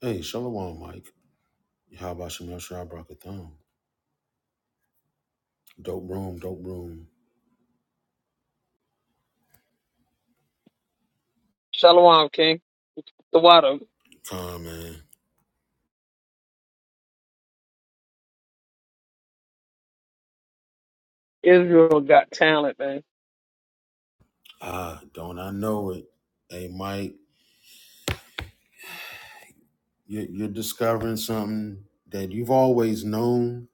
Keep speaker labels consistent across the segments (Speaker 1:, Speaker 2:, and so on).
Speaker 1: Hey, Shalom, Mike. How about Shamil Thumb? Dope room, dope room.
Speaker 2: Shalom, King. The water.
Speaker 1: Come man.
Speaker 2: Israel got talent, man.
Speaker 1: Ah, don't I know it? Hey, Mike, you- you're discovering something that you've always known,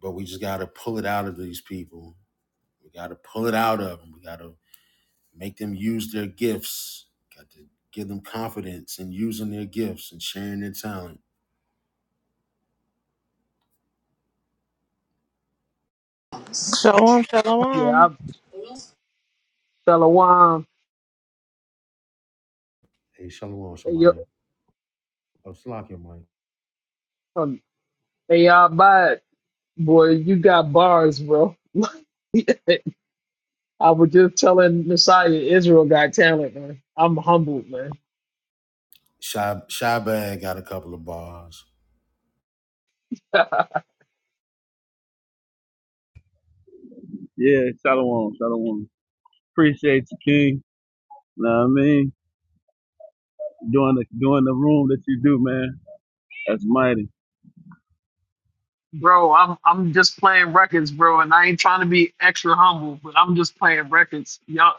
Speaker 1: but we just got to pull it out of these people. We got to pull it out of them. We got to make them use their gifts. Got to give them confidence in using their gifts and sharing their talent.
Speaker 3: Shalom,
Speaker 2: Yeah,
Speaker 3: shalom.
Speaker 2: I'm Shalom.
Speaker 1: Hey, Shalom,
Speaker 2: Hey, yo,
Speaker 1: Shemaya. Oh, slack your mic.
Speaker 2: um, hey, y'all, bye. Boy, you got bars, bro. I was just telling Messiah Israel got talent, man. I'm humbled, man.
Speaker 1: Shy, Shy Bag got a couple of bars.
Speaker 4: Yeah, shalom, shalom. Appreciate you, King. You Know what I mean? Doing the doing the room that you do, man. That's mighty.
Speaker 2: bro, I'm I'm just playing records, bro, and I ain't trying to be extra humble, but I'm just playing records. Y'all,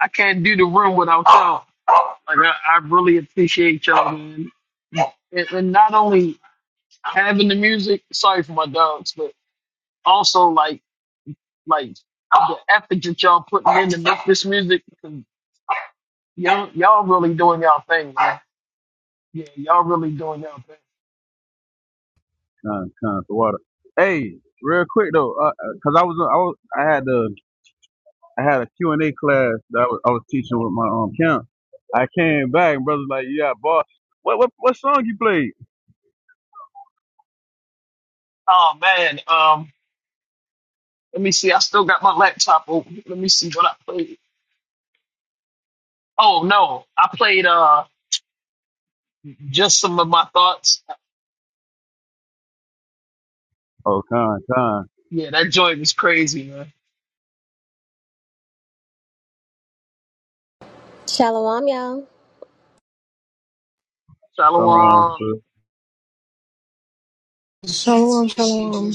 Speaker 2: I can't do the room without y'all. Like I, I really appreciate y'all, man. And, and not only having the music. Sorry for my dogs, but also like like the effort that y'all putting in to make this music. 'cause Y'all y'all really doing y'all thing, man. Yeah, y'all really doing y'all thing.
Speaker 4: Kind, kind to water. Hey, real quick though, uh, uh, cause I was I was I had the I had a Q and A class that I was, I was teaching with my um camp. I came back and brothers like, yeah, boss. What what what song you played?
Speaker 2: Oh man, um, let me see. I still got my laptop open. Let me see what I played. Oh no, I played uh just some of my thoughts.
Speaker 4: Oh, kind, kind.
Speaker 2: Yeah, that joint was crazy, man.
Speaker 5: Shalom, y'all.
Speaker 4: Shalom,
Speaker 2: Shalom.
Speaker 4: sir.
Speaker 3: Shalom, shalom.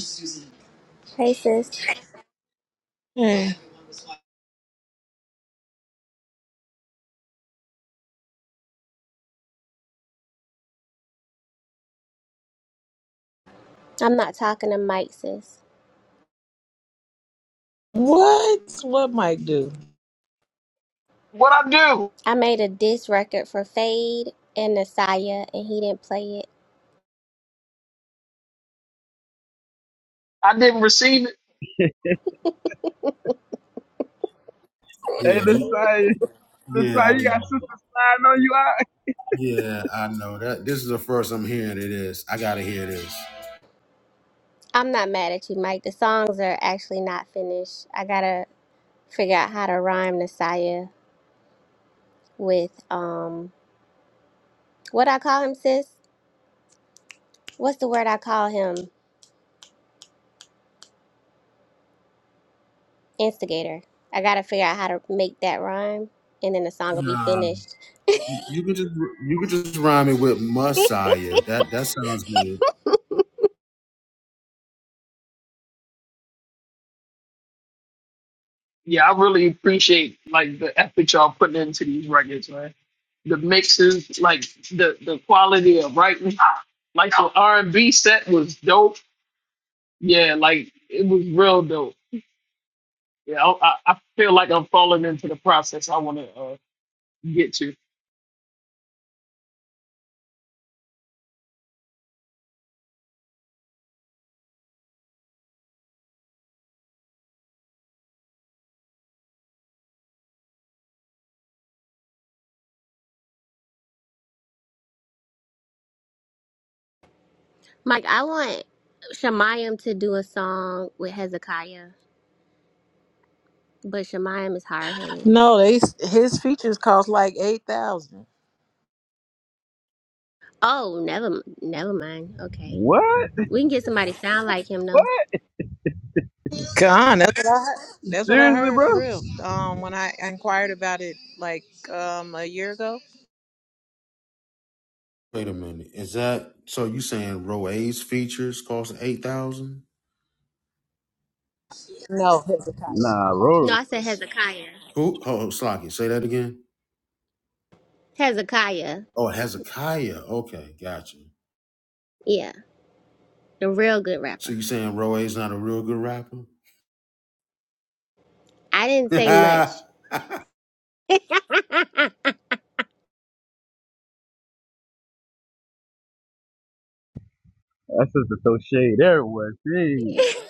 Speaker 5: Hey, sis.
Speaker 3: Yeah.
Speaker 5: I'm not talking to Mike, sis.
Speaker 3: what? What Mike do?
Speaker 2: What I do?
Speaker 5: I made a diss record for Fade and Nasaya, and he didn't play it.
Speaker 2: I didn't receive it.
Speaker 4: Hey,
Speaker 1: Yeah, you
Speaker 4: this side, this
Speaker 1: Yeah,
Speaker 4: side,
Speaker 1: I
Speaker 4: you got
Speaker 1: know.
Speaker 4: sister sliding on you out.
Speaker 1: Yeah, I know that. This is the first I'm hearing it is. I gotta hear this.
Speaker 5: I'm not mad at you, Mike. The songs are actually not finished. I gotta figure out how to rhyme Nasaya with um, what I call him, sis. What's the word I call him? Instigator. I gotta figure out how to make that rhyme, and then the song will be
Speaker 1: Nah,
Speaker 5: finished.
Speaker 1: you you could just you could just rhyme it with Messiah. That that sounds good.
Speaker 2: Yeah, I really appreciate like the effort y'all putting into these records, man the mixes, like the the quality of writing. Like the R and B set was dope. Yeah, like it was real dope. Yeah, I, I I feel like I'm falling into the process I want to uh, get to.
Speaker 5: Mike, I want Shemayim to do a song with Hezekiah, but Shemayim is hard headed.
Speaker 3: No, they his features cost like eight thousand.
Speaker 5: Oh, never, never mind. Okay,
Speaker 4: What?
Speaker 5: we can get somebody sound like him though.
Speaker 4: What?
Speaker 3: God, that's what I heard. That's what I
Speaker 4: Seriously,
Speaker 3: heard
Speaker 4: bro?
Speaker 3: for real. Um, when I inquired about it like um a year ago.
Speaker 1: Wait a minute. Is that so? You saying Roe's features cost eight thousand?
Speaker 3: No, Hezekiah.
Speaker 4: Nah,
Speaker 5: No,
Speaker 4: bro.
Speaker 5: I said Hezekiah.
Speaker 1: Who? Oh, Slocky, say that again.
Speaker 5: Hezekiah,
Speaker 1: Oh, Hezekiah. Okay, gotcha.
Speaker 5: yeah, the real good
Speaker 1: So
Speaker 5: rapper.
Speaker 1: you saying Roe's not a real good rapper?
Speaker 5: I didn't say
Speaker 1: yeah,
Speaker 5: much. I'm
Speaker 4: That sister throw shade everywhere. She she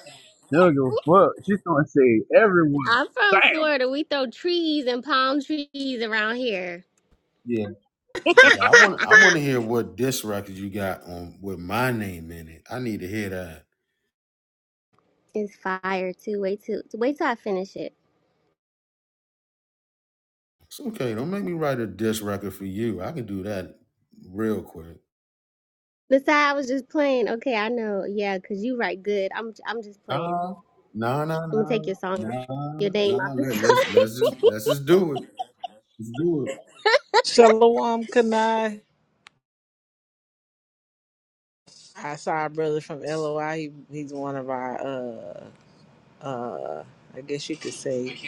Speaker 4: don't give a fuck. She's throwing shade everywhere.
Speaker 5: from
Speaker 4: Damn.
Speaker 5: Florida. We throw trees and palm trees around here.
Speaker 1: yeah. I want I want to hear what diss record you got on with my name in it. I need to hear that.
Speaker 5: It's fire too. Wait till wait till I finish it.
Speaker 1: It's okay. Don't make me write a diss record for you. I can do that real quick.
Speaker 5: Besides, I was just playing. Okay, I know. Yeah, cause you write good. I'm I'm just playing.
Speaker 1: Nah, nah, nah,
Speaker 5: I'm gonna
Speaker 1: nah,
Speaker 5: take your song, off-
Speaker 1: nah,
Speaker 5: your
Speaker 1: nah.
Speaker 5: name
Speaker 1: nah.
Speaker 5: off the
Speaker 1: Let, let's
Speaker 5: song.
Speaker 1: let's just let's just do it. Let's do it.
Speaker 3: Shalom, Kanai. I saw a brother from LOI. He, he's one of our uh uh. I guess you could say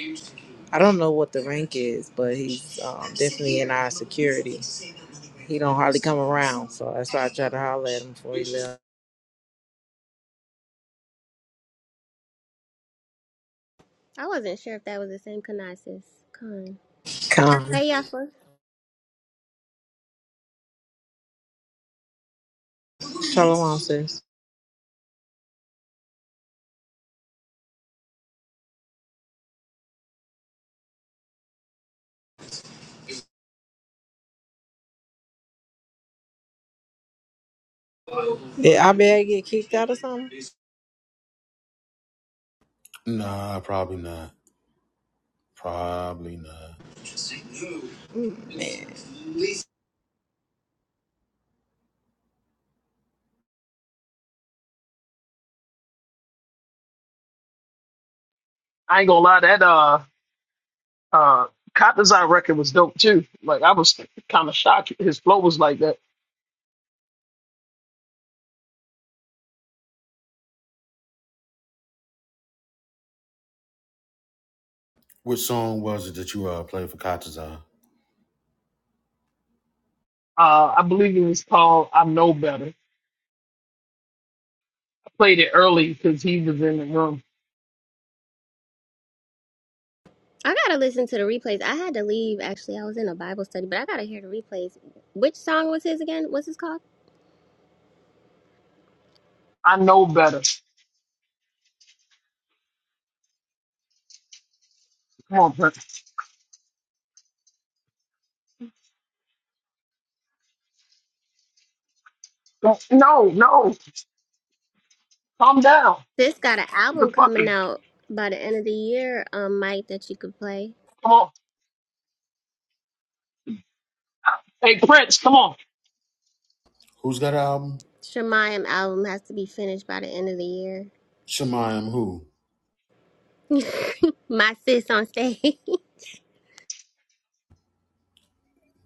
Speaker 3: I don't know what the rank is, but he's um, definitely in our security. He don't hardly come around, so that's why I try to holler at him before he left.
Speaker 5: I wasn't sure if that was the same Kanasis.
Speaker 3: Come,
Speaker 5: Hey, Yafa.
Speaker 3: tell him I sis. Did I better get kicked out or something?
Speaker 1: Nah, probably not. Probably not.
Speaker 3: Man.
Speaker 2: I ain't gonna lie, that uh uh Cop Design record was dope too. Like I was kind of shocked his flow was like that.
Speaker 1: Which song was it that you uh played for Katazan?
Speaker 2: Uh, I believe it was called I Know Better. I played it early because he was in the room.
Speaker 5: I gotta listen to the replays. I had to leave actually. I was in a Bible study, but I gotta hear the replays. Which song was his again? What's his called?
Speaker 2: I know better. Come on, Prince. Don't, no, no, calm down.
Speaker 5: This got an
Speaker 2: What the
Speaker 5: album coming
Speaker 2: fucking
Speaker 5: out by the end of the year, um, Mike, that you could play.
Speaker 2: come on. Hey Prince, come on.
Speaker 1: Who's got an album?
Speaker 5: Shemayim album has to be finished by the end of the year.
Speaker 1: Shemayim who?
Speaker 5: My sis on stage.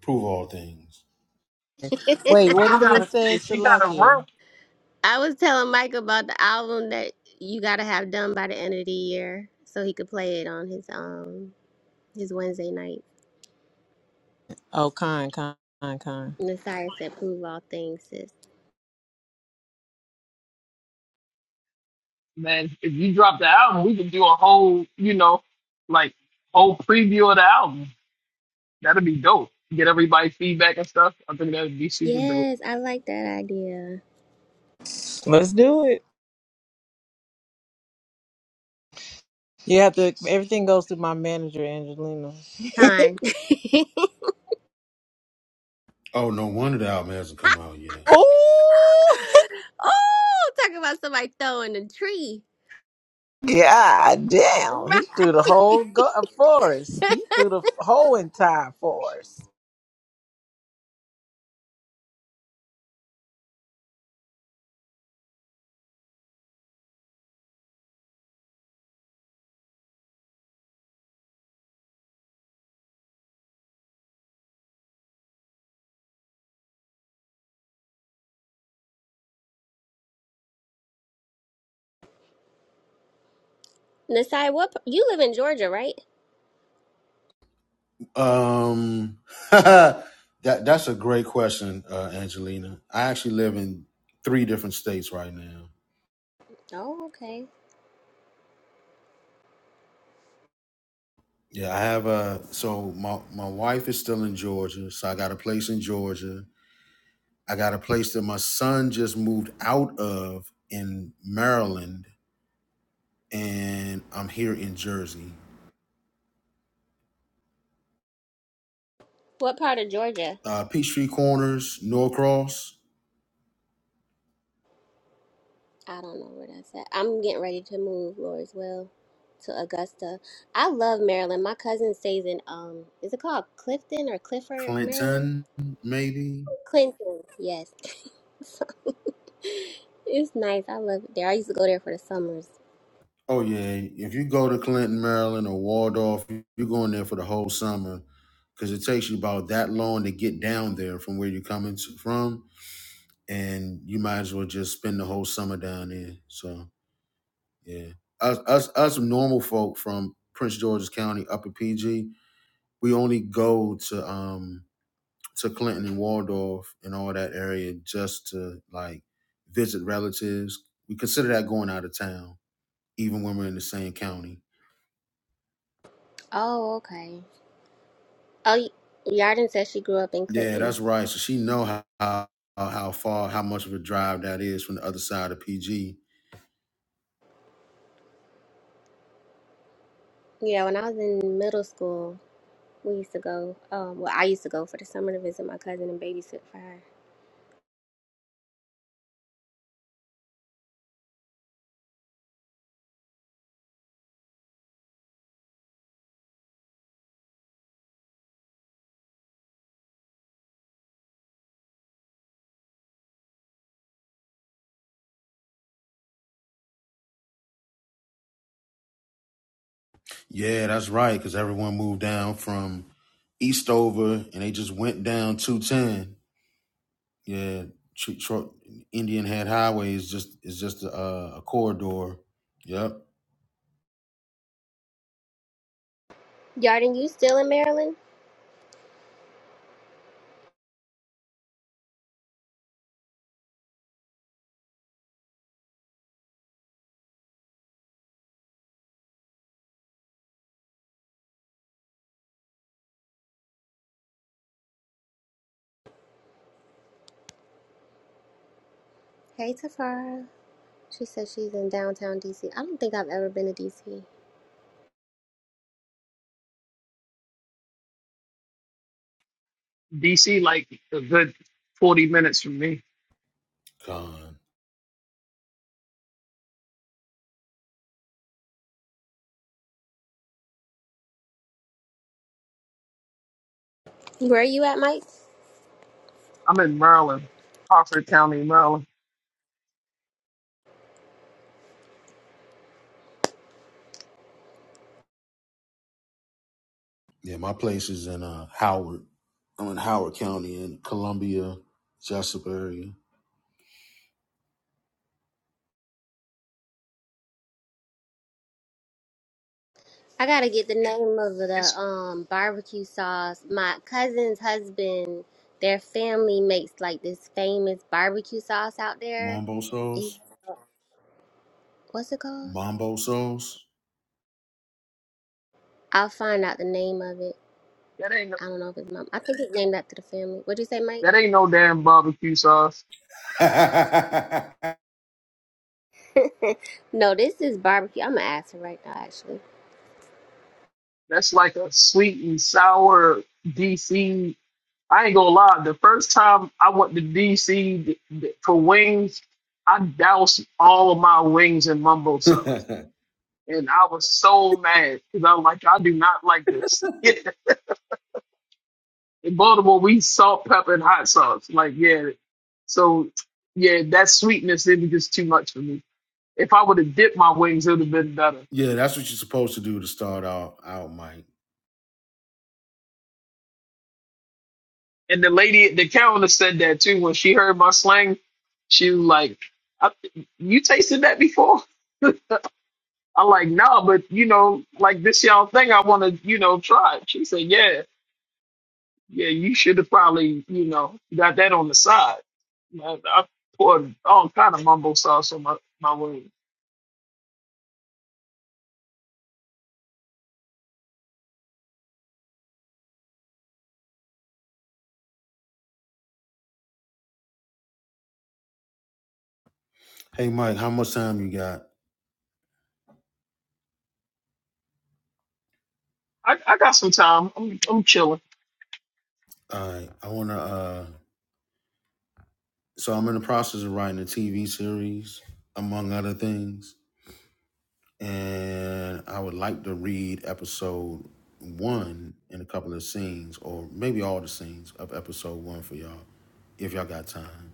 Speaker 1: Prove all things.
Speaker 3: Wait,
Speaker 2: If
Speaker 3: what
Speaker 2: you
Speaker 3: you
Speaker 2: got a
Speaker 3: just said,
Speaker 2: if you got a
Speaker 3: Salakia?
Speaker 2: room,
Speaker 5: I was telling Mike about the album that you gotta have done by the end of the year so he could play it on his um his Wednesday night.
Speaker 3: Oh, kind, kind, kind, kind.
Speaker 5: Messiah said, "Prove all things, sis."
Speaker 2: man, if you drop the album, we can do a whole, you know, like whole preview of the album. That'd be dope. Get everybody feedback and stuff. I think that'd be super dope.
Speaker 5: Yes, I like that idea.
Speaker 3: Let's do it. You have to. Everything goes through my manager, Angelina.
Speaker 5: Con.
Speaker 1: Oh, no wonder the album hasn't come out yet.
Speaker 3: Oh,
Speaker 5: oh, talking about somebody throwing a tree.
Speaker 3: god damn! He threw the
Speaker 5: Right.
Speaker 3: whole go- uh, forest. He threw the whole entire forest.
Speaker 5: Nasai, what p- you live in Georgia, right?
Speaker 1: Um, that that's a great question, uh, Angelina. I actually live in three different states right now.
Speaker 5: Oh, okay.
Speaker 1: Yeah, I have a so my my wife is still in Georgia, so I got a place in Georgia. I got a place that my son just moved out of in Maryland, and I'm here in Jersey.
Speaker 5: What part of Georgia?
Speaker 1: Uh, Peachtree Corners, Norcross,
Speaker 5: I don't know where that's at. I'm getting ready to move, Lord, as well, to Augusta. I love Maryland. My cousin stays in um, is it called Clifton or Clifford, Maryland?
Speaker 1: Clinton, maybe.
Speaker 5: Clinton, yes. it's nice. I love it there. I used to go there for the summers.
Speaker 1: Oh yeah, if you go to Clinton, Maryland, or Waldorf, you- are going there for the whole summer because it takes you about that long to get down there from where you're coming to, from, and you might as well just spend the whole summer down there. So yeah, us us us normal folk from Prince George's County, Upper PG, we only go to um to Clinton and Waldorf and all that area just to like visit relatives. We consider that going out of town, even when we're in the same county.
Speaker 5: Oh, okay. Oh, y- Yarden said she grew up in
Speaker 1: Yeah,
Speaker 5: Clinton.
Speaker 1: that's right. So she know how how, how far, how much of a drive that is from the other side of PG.
Speaker 5: Yeah, when I was in middle school, we used to go. Um, well, I used to go for the summer to visit my cousin and babysit for her.
Speaker 1: Yeah, that's right. Because everyone moved down from Eastover, and they just went down two ten. Yeah, Tr- Tr- Indian Head Highway is just is just a, a corridor. Yep,
Speaker 5: Yarden, you still in Maryland? Hey, Tafara. She said she's in downtown DC. I don't think I've ever been to DC.
Speaker 2: DC like a good forty minutes from me.
Speaker 1: con.
Speaker 5: Where are you at, Mike?
Speaker 2: I'm in Maryland, Harford County, Maryland.
Speaker 1: Yeah, my place is in uh, Howard. I'm in Howard County in Columbia, Jessup area.
Speaker 5: I gotta get the name of the
Speaker 2: It's
Speaker 5: um barbecue sauce. My cousin's husband, their family makes like this famous barbecue sauce out there.
Speaker 1: Mambo
Speaker 5: Is
Speaker 1: Souls.
Speaker 5: what's it called?
Speaker 1: Mambo Souls.
Speaker 5: I'll find out the name of it.
Speaker 2: that ain't
Speaker 5: I don't know if it's mom. I think it's named after the family. What'd you say, Mike?
Speaker 2: that ain't no damn barbecue sauce.
Speaker 5: no, this is barbecue. I'm gonna ask her right now, actually.
Speaker 2: That's like a sweet and sour DC I ain't gonna lie. The first time I went to DC th- th- for wings, I doused all of my wings in mumbo sauce,
Speaker 1: yeah,
Speaker 2: and I was so mad because I was like, I do not like this. in Baltimore, we salt, pepper, and hot sauce. Like, yeah. So, yeah, that sweetness it was just too much for me. If I would have dipped my wings, it would have been better.
Speaker 1: that's what you're supposed to do to start out out, Mike.
Speaker 2: And the lady at the counter said that too. When she heard my slang, she was like, I, "You tasted that before?" I like, nah, but you know, like this y'all thing I wanna, you know, try. it." She said, Yeah, yeah, you should have probably, you know, got that on the side. I, I poured all kind of mumbo sauce on my, my wings.
Speaker 1: Hey Mike, how much time you got?
Speaker 2: I, I got some time. I'm I'm chilling.
Speaker 1: All right. I wanna uh so I'm in the process of writing a TV series, among other things. And I would like to read episode one in a couple of scenes, or maybe all the scenes of episode one for y'all, if y'all got time.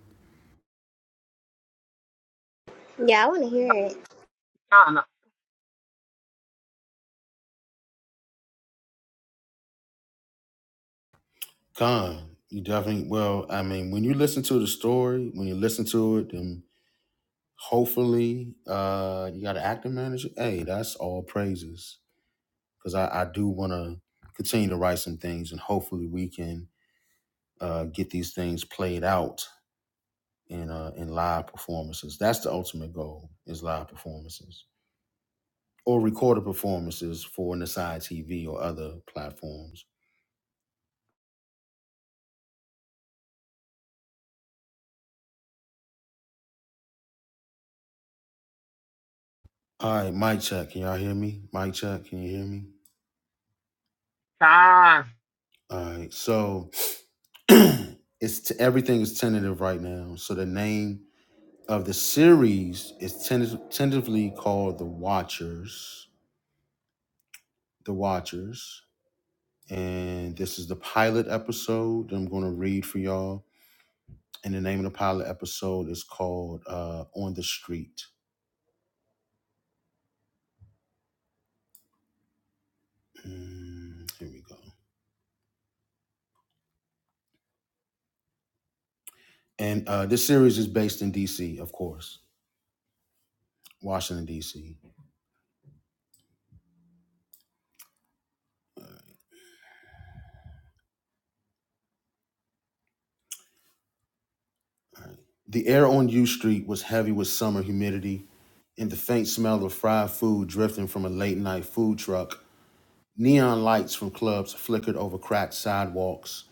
Speaker 5: Yeah, I want to hear it.
Speaker 2: Kinda.
Speaker 1: Con, you definitely well, I mean, when you listen to the story, when you listen to it, then Hopefully, uh, you got an active manager. Hey, that's all praises because I, I do want to continue to write some things, and hopefully, we can uh, get these things played out in uh, in live performances. That's the ultimate goal: is live performances or recorded performances for Nasai TV or other platforms. All right, mic check. Can y'all hear me? Mic check. Can you hear me?
Speaker 2: Kinda.
Speaker 1: All right. So it's t- everything is tentative right now. So the name of the series is tenta- tentatively called The Watchers. The Watchers. And this is the pilot episode that I'm going to read for y'all. And the name of the pilot episode is called uh, On the Street. Mm, here we go. And uh, this series is based in DC, of course, Washington, DC. All right. The air on U Street was heavy with summer humidity and the faint smell of fried food drifting from a late night food truck Neon lights from clubs flickered over cracked sidewalks.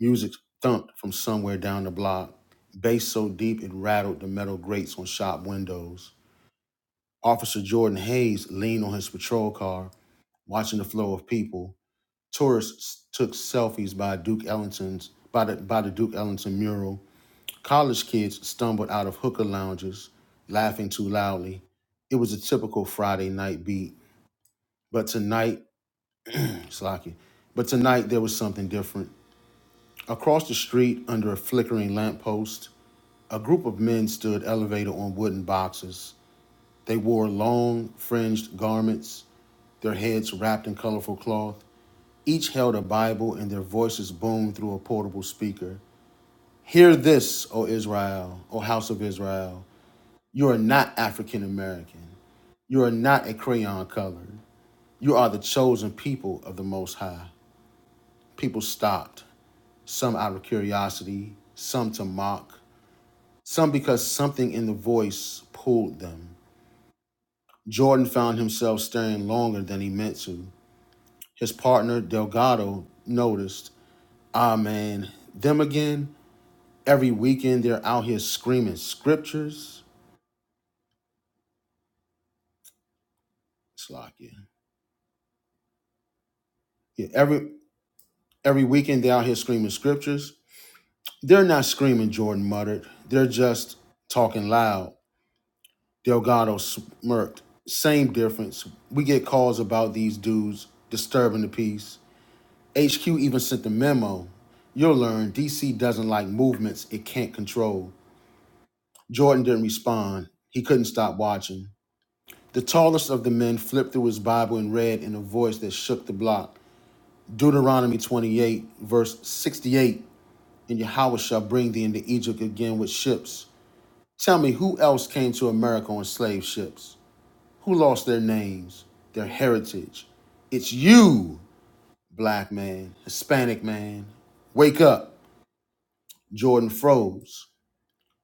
Speaker 1: Music thumped from somewhere down the block, bass so deep it rattled the metal grates on shop windows. Officer Jordan Hayes leaned on his patrol car, watching the flow of people. Tourists took selfies by Duke Ellington's by the, by the Duke Ellington mural. College kids stumbled out of hooker lounges, laughing too loudly. It was a typical Friday night beat, but tonight, Slocky, but tonight there was something different. Across the street, under a flickering lamppost, a group of men stood elevated on wooden boxes. They wore long, fringed garments, their heads wrapped in colorful cloth. Each held a Bible, and their voices boomed through a portable speaker. Hear this, O Israel, O house of Israel. You are not African American. You are not a crayon color. You are the chosen people of the Most High. People stopped, some out of curiosity, some to mock, some because something in the voice pulled them. Jordan found himself staring longer than he meant to. His partner, Delgado, noticed, ah man, them again? Every weekend they're out here screaming scriptures. It's like, yeah. yeah every, every weekend they're out here screaming scriptures. They're not screaming, Jordan muttered. They're just talking loud. Delgado smirked. Same difference. We get calls about these dudes disturbing the peace. HQ even sent the memo. You'll learn DC doesn't like movements it can't control. Jordan didn't respond. He couldn't stop watching. The tallest of the men flipped through his Bible and read in a voice that shook the block Deuteronomy 28, verse 68 And Yahweh shall bring thee into Egypt again with ships. Tell me who else came to America on slave ships? Who lost their names, their heritage? It's you, black man, Hispanic man. Wake up. Jordan froze.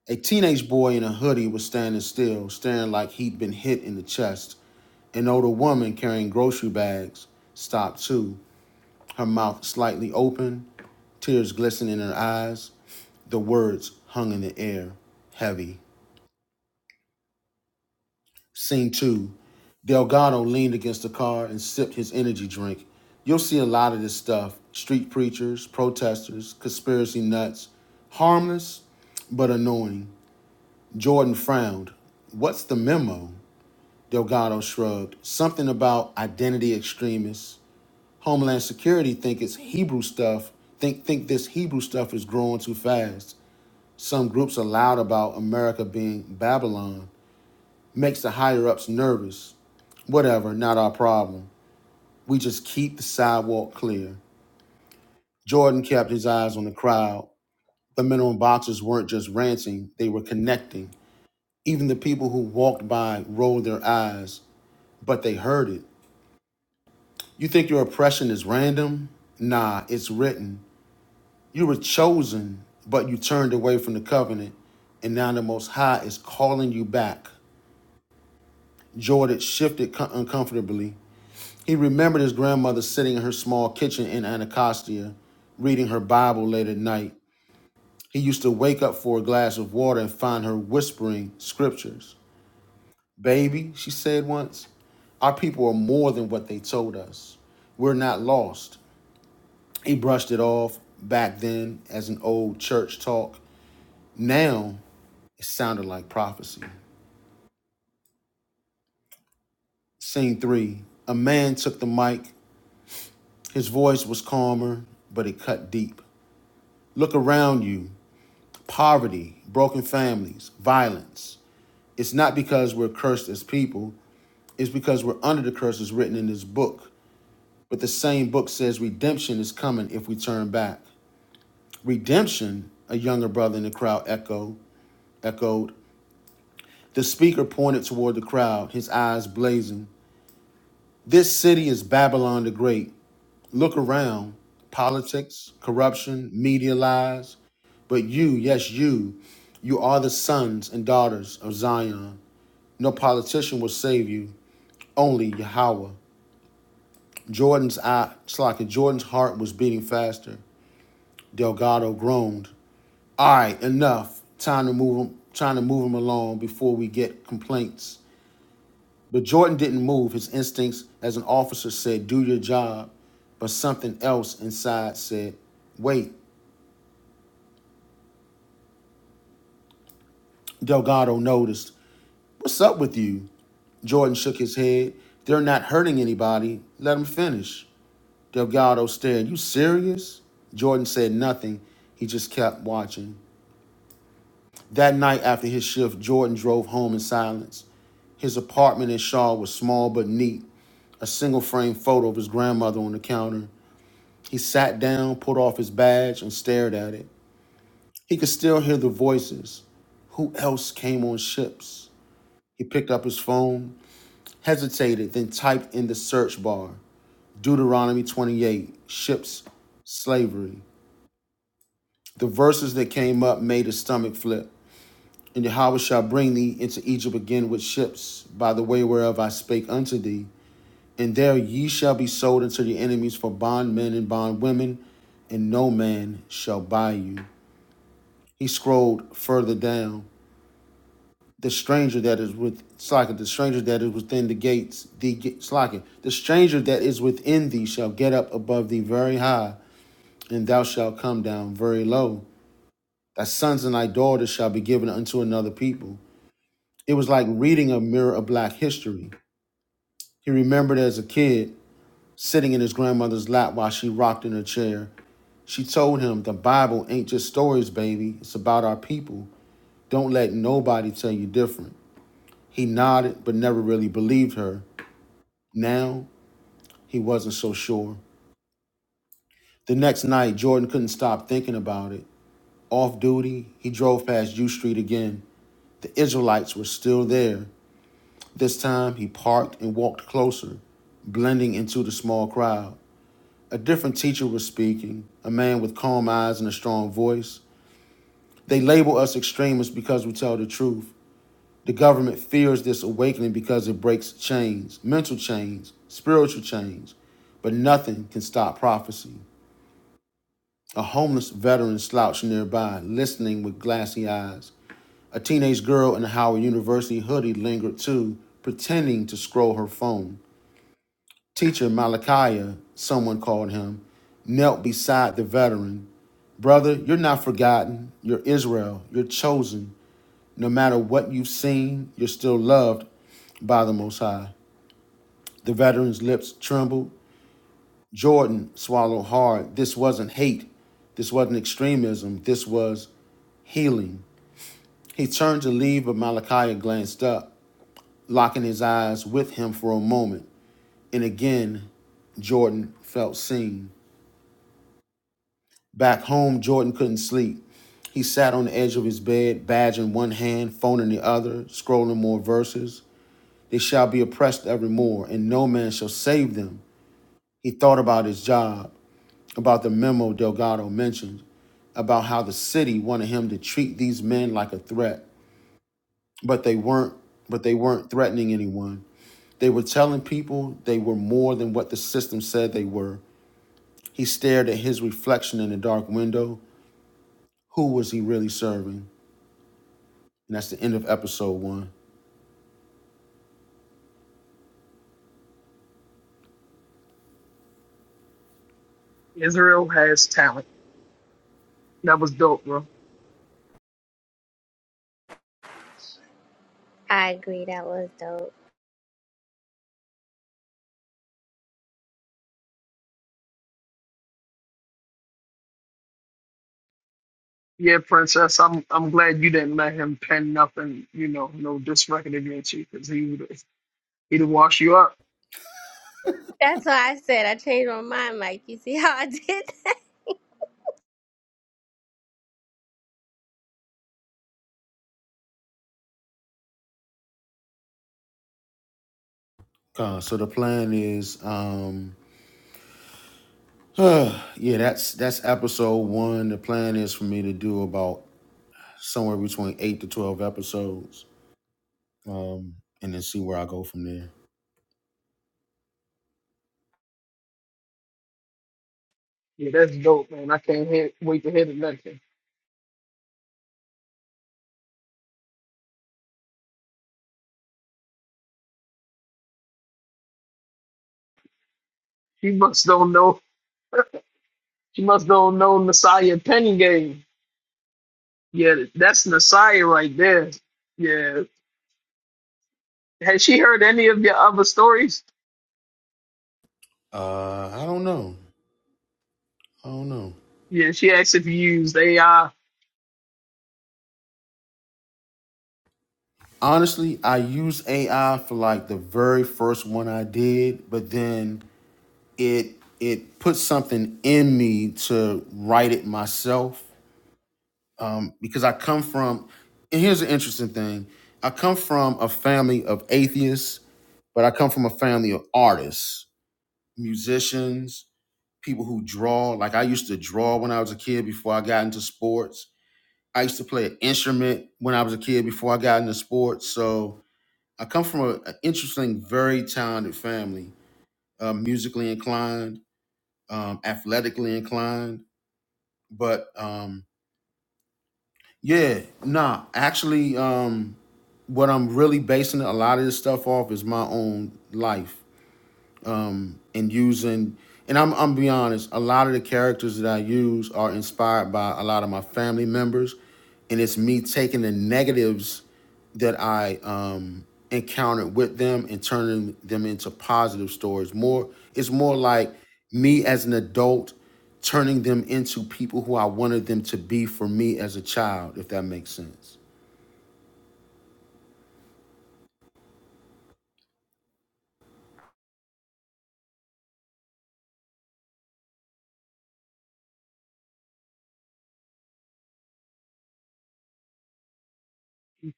Speaker 1: A teenage boy in a hoodie was standing still, staring like he'd been hit in the chest. An older woman carrying grocery bags stopped too, her mouth slightly open, tears glistening in her eyes. The words hung in the air, heavy. Scene two. Delgado leaned against the car and sipped his energy drink. You'll see a lot of this stuff street preachers, protesters, conspiracy nuts. Harmless, but annoying. Jordan frowned. What's the memo? Delgado shrugged. Something about identity extremists. Homeland Security think it's Hebrew stuff. Think think this Hebrew stuff is growing too fast. Some groups are loud about America being Babylon. Makes the higher ups nervous. Whatever, not our problem. We just keep the sidewalk clear. Jordan kept his eyes on the crowd. The men on boxes weren't just ranting, they were connecting. Even the people who walked by rolled their eyes. but they heard it. You think your oppression is random? Nah, it's written. You were chosen, but you turned away from the covenant, and now the Most High is calling you back. Jordan shifted uncomfortably. He remembered his grandmother sitting in her small kitchen in Anacostia, reading her Bible late at night. He used to wake up for a glass of water and find her whispering scriptures. Baby, she said once, our people are more than what they told us. We're not lost. He brushed it off back then as an old church talk. Now it sounded like prophecy. Scene three A man took the mic. His voice was calmer, but it cut deep. Look around you poverty, broken families, violence. It's not because we're cursed as people, it's because we're under the curses written in this book. But the same book says redemption is coming if we turn back. Redemption, a younger brother in the crowd echo, echoed. The speaker pointed toward the crowd, his eyes blazing. This city is Babylon the Great. Look around politics, corruption, media lies. But you, yes, you, you are the sons and daughters of Zion. No politician will save you, only Yahweh. Jordan's eye, it's like Jordan's heart was beating faster. Delgado groaned. All right, enough. Time to move him, Trying to move him along before we get complaints. But Jordan didn't move. His instincts as an officer said, do your job. But something else inside said, wait. Delgado noticed, what's up with you? Jordan shook his head. They're not hurting anybody. Let them finish. Delgado stared, you serious? Jordan said nothing. He just kept watching. That night after his shift, Jordan drove home in silence. His apartment in Shaw was small but neat, a single frame photo of his grandmother on the counter. He sat down, pulled off his badge, and stared at it. He could still hear the voices. Who else came on ships? He picked up his phone, hesitated, then typed in the search bar Deuteronomy 28, ships, slavery. The verses that came up made his stomach flip. And Yahweh shall bring thee into Egypt again with ships, by the way whereof I spake unto thee. And there ye shall be sold unto your enemies for bondmen and bondwomen, and no man shall buy you. He scrolled further down. The stranger that is with Slacken, the stranger that is within the gates, the ga- Slacken, the stranger that is within thee shall get up above thee very high, and thou shalt come down very low. Thy sons and thy daughters shall be given unto another people. It was like reading a mirror of black history. He remembered as a kid sitting in his grandmother's lap while she rocked in her chair. She told him, The Bible ain't just stories, baby. It's about our people. Don't let nobody tell you different. He nodded, but never really believed her. Now, he wasn't so sure. The next night, Jordan couldn't stop thinking about it. Off duty, he drove past U Street again. The Israelites were still there. This time, he parked and walked closer, blending into the small crowd. A different teacher was speaking, a man with calm eyes and a strong voice. They label us extremists because we tell the truth. The government fears this awakening because it breaks chains, mental chains, spiritual chains, but nothing can stop prophecy. A homeless veteran slouched nearby, listening with glassy eyes. A teenage girl in a Howard University hoodie lingered too, pretending to scroll her phone. Teacher Malachi, someone called him, knelt beside the veteran. Brother, you're not forgotten. You're Israel. You're chosen. No matter what you've seen, you're still loved by the Most High. The veteran's lips trembled. Jordan swallowed hard. This wasn't hate. This wasn't extremism. This was healing. He turned to leave, but Malachi glanced up, locking his eyes with him for a moment. And again, Jordan felt seen. Back home, Jordan couldn't sleep. He sat on the edge of his bed, badge in one hand, phone in the other, scrolling more verses. They shall be oppressed evermore, and no man shall save them. He thought about his job. about the memo Delgado mentioned about how the city wanted him to treat these men like a threat, but they weren't but they weren't threatening anyone. They were telling people they were more than what the system said they were. He stared at his reflection in the dark window. Who was he really serving? And that's the end of episode one.
Speaker 2: Israel has talent. That was dope, bro.
Speaker 5: I agree. That was dope.
Speaker 2: Yeah, princess, I'm I'm glad you didn't let him pen nothing, you know, no disrecord against you, because he would he'd have washed you up.
Speaker 5: That's why I said I changed my mind, Mike. You see how I did that?
Speaker 1: Uh, so the plan is, um, uh, yeah, that's that's episode one. The plan is for me to do about somewhere between eight to twelve episodes um, and then see where I go from there.
Speaker 2: Yeah, that's dope, man. I can't hear, wait to hear the next one. She must don't know. She must don't know Messiah Penny Game. Yeah, that's Messiah right there. Yeah. Has she heard any of your other stories?
Speaker 1: Uh, I don't know. I don't know.
Speaker 2: Yeah, she asked if you used AI.
Speaker 1: Honestly, I used AI for like the very first one I did, but then it it put something in me to write it myself um, because I come from. And here's an interesting thing: I come from a family of atheists, but I come from a family of artists, musicians, people who draw. Like I used to draw when I was a kid before I got into sports I used to play an instrument when I was a kid before I got into sports. So I come from a- an interesting, very talented family, uh, musically inclined, um, athletically inclined. But um, yeah, nah, actually, um, what I'm really basing a lot of this stuff off is my own life um, and using and I'm I'm be honest, a lot of the characters that I use are inspired by a lot of my family members, and it's me taking the negatives that I um, encountered with them and turning them into positive stories. More, it's more like me as an adult turning them into people who I wanted them to be for me as a child, if that makes sense.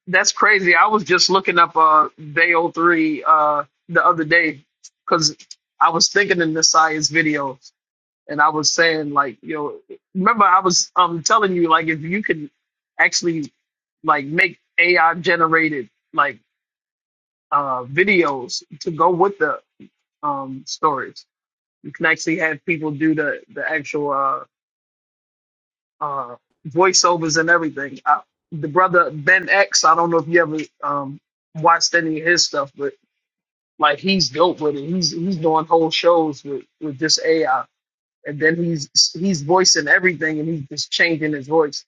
Speaker 2: That's crazy. I was just looking up uh Day oh 03 uh the other day because I was thinking in Messiah's video and I was saying like, you know, remember I was um telling you like if you could actually like make AI generated like uh, videos to go with the um, stories. You can actually have people do the the actual uh, uh, voiceovers and everything. I, the brother Ben X, I don't know if you ever um, watched any of his stuff, but like he's dope with it. He's he's doing whole shows with with this AI, and then he's he's voicing everything, and he's just changing his voice.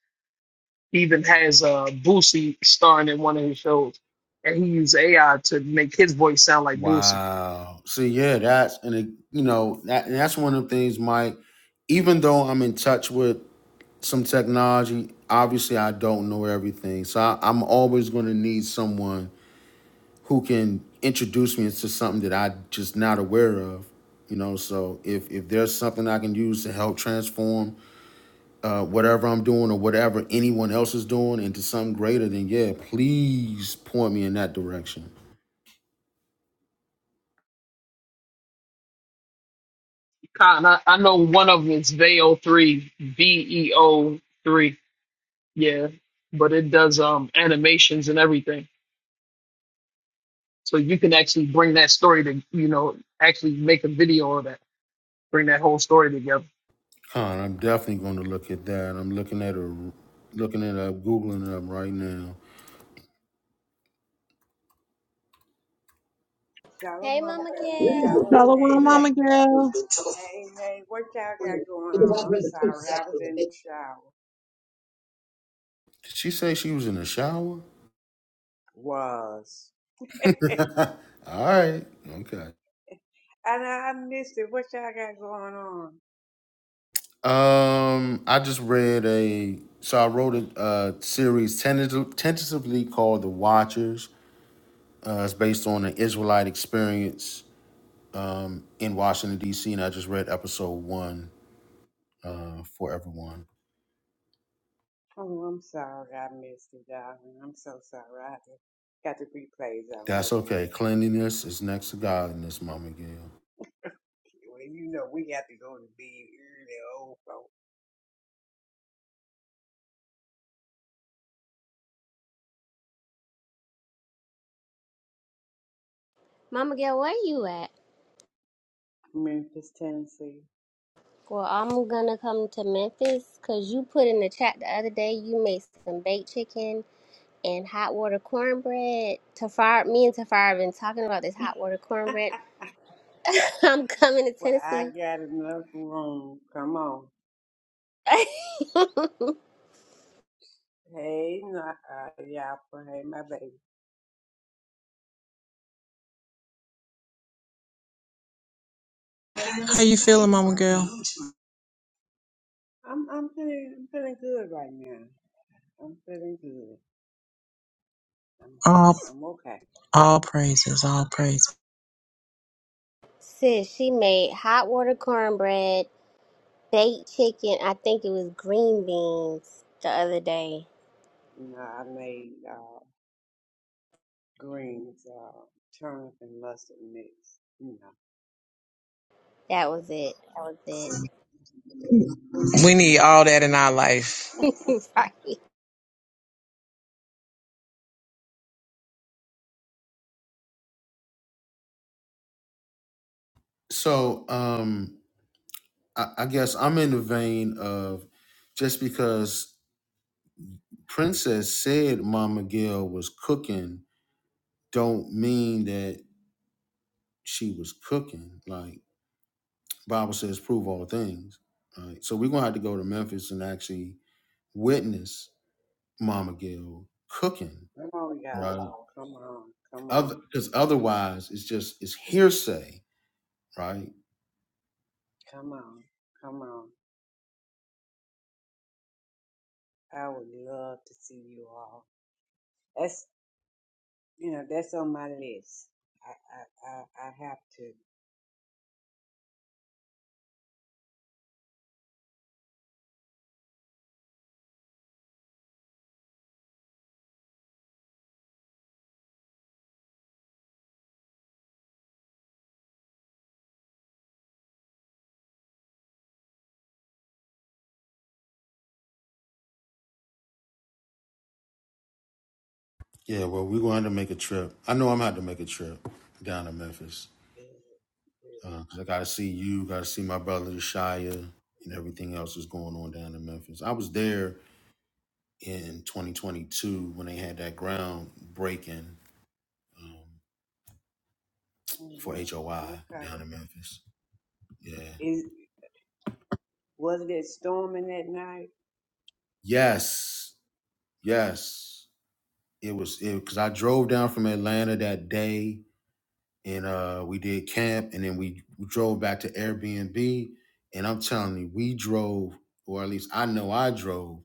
Speaker 2: He even has uh, Boosie starring in one of his shows, and he used AI to make his voice sound like Boosie
Speaker 1: Wow. So yeah, that's and it, you know that and that's one of the things. Mike, even though I'm in touch with some technology, obviously I don't know everything. So I, I'm always going to need someone who can introduce me into something that I just not aware of. You know, so if if there's something I can use to help transform uh, whatever I'm doing or whatever anyone else is doing into something greater, then yeah, please point me in that direction.
Speaker 2: Con, I, I know one of them is VEO3, V-E-O-3. Yeah. But it does um animations and everything. So you can actually bring that story to, you know, actually make a video of that. Bring that whole story together.
Speaker 1: Con, I'm definitely going to look at that. I'm looking at her, looking it up, googling it up right now.
Speaker 5: Hey,
Speaker 6: Shalom,
Speaker 5: Mama
Speaker 6: family.
Speaker 5: Gail.
Speaker 6: Shalom.
Speaker 7: Hello, well,
Speaker 6: Hey,
Speaker 7: Mama
Speaker 6: baby.
Speaker 7: Girl.
Speaker 6: Hey, hey, what y'all got going on? I'm sorry, I was in the shower.
Speaker 1: Did she say she was in the shower?
Speaker 6: Was. and
Speaker 1: All right, okay.
Speaker 6: I, I missed it. What y'all got going on?
Speaker 1: Um, I just read a so I wrote a, uh series tentative, tentatively called The Watchers. Uh, it's based on an Israelite experience um, in Washington D.C. and I just read episode one uh, for everyone.
Speaker 6: Oh, I'm sorry, I missed it, darling. I'm so sorry. I had to, got the replays on.
Speaker 1: That's
Speaker 6: Okay.
Speaker 1: okay. Cleanliness is next to godliness, Mama Gill.
Speaker 6: Well, you know, we got to go to bed early, old folks.
Speaker 5: Mama Gail, where you at?
Speaker 6: Memphis, Tennessee.
Speaker 5: Well, I'm gonna come to Memphis because you put in the chat the other day you made some baked chicken and hot water cornbread. Tafar, me and Tafar have been talking about this hot water cornbread. I'm coming to
Speaker 6: Well, I
Speaker 5: Tennessee.
Speaker 6: got enough room. Come on. Hey, not, uh, y'all. Hey, my baby.
Speaker 7: How you feeling, Mama Girl?
Speaker 6: I'm I'm feeling I'm feeling good right now. I'm feeling good. I'm
Speaker 7: All,
Speaker 6: I'm okay.
Speaker 7: all praises, all praises.
Speaker 5: Sis, she made hot water cornbread, baked chicken. I think it was green beans the other day.
Speaker 6: You know, I made uh greens, uh turnip and mustard mix. You know.
Speaker 5: That was it. That was it.
Speaker 7: We need all that in our life.
Speaker 5: right.
Speaker 1: So um, I, I guess I'm in the vein of just because Princess said Mama Gail was cooking, don't mean that she was cooking. Like Bible says, prove all things. Right. So we're gonna have to go to Memphis and actually witness Mama Gail cooking.
Speaker 6: Come on y'all.
Speaker 1: Right.
Speaker 6: Come on, come
Speaker 1: Other
Speaker 6: on,
Speaker 1: because
Speaker 6: come on,
Speaker 1: otherwise it's just it's hearsay, right?
Speaker 6: come on, come on. I would love to see you all. That's you know, that's on my list. I I I, I have to
Speaker 1: Yeah, well, we're gonna have to make a trip. I know I'm gonna have to make a trip down to Memphis.
Speaker 6: good,
Speaker 1: because I got to see you, got to see my brother Shia, and everything else that's going on down in Memphis. I was there in 2022 when they had that groundbreaking um,
Speaker 6: good.
Speaker 1: for
Speaker 6: hmm
Speaker 1: HOI
Speaker 6: Okay.
Speaker 1: down in Memphis. Yeah.
Speaker 6: Is was it storming that night?
Speaker 1: Yes. Yes. It was because I drove down from Atlanta that day, and uh, we did camp, and then we, we drove back to Airbnb, and I'm telling you, we drove, or at least I know I drove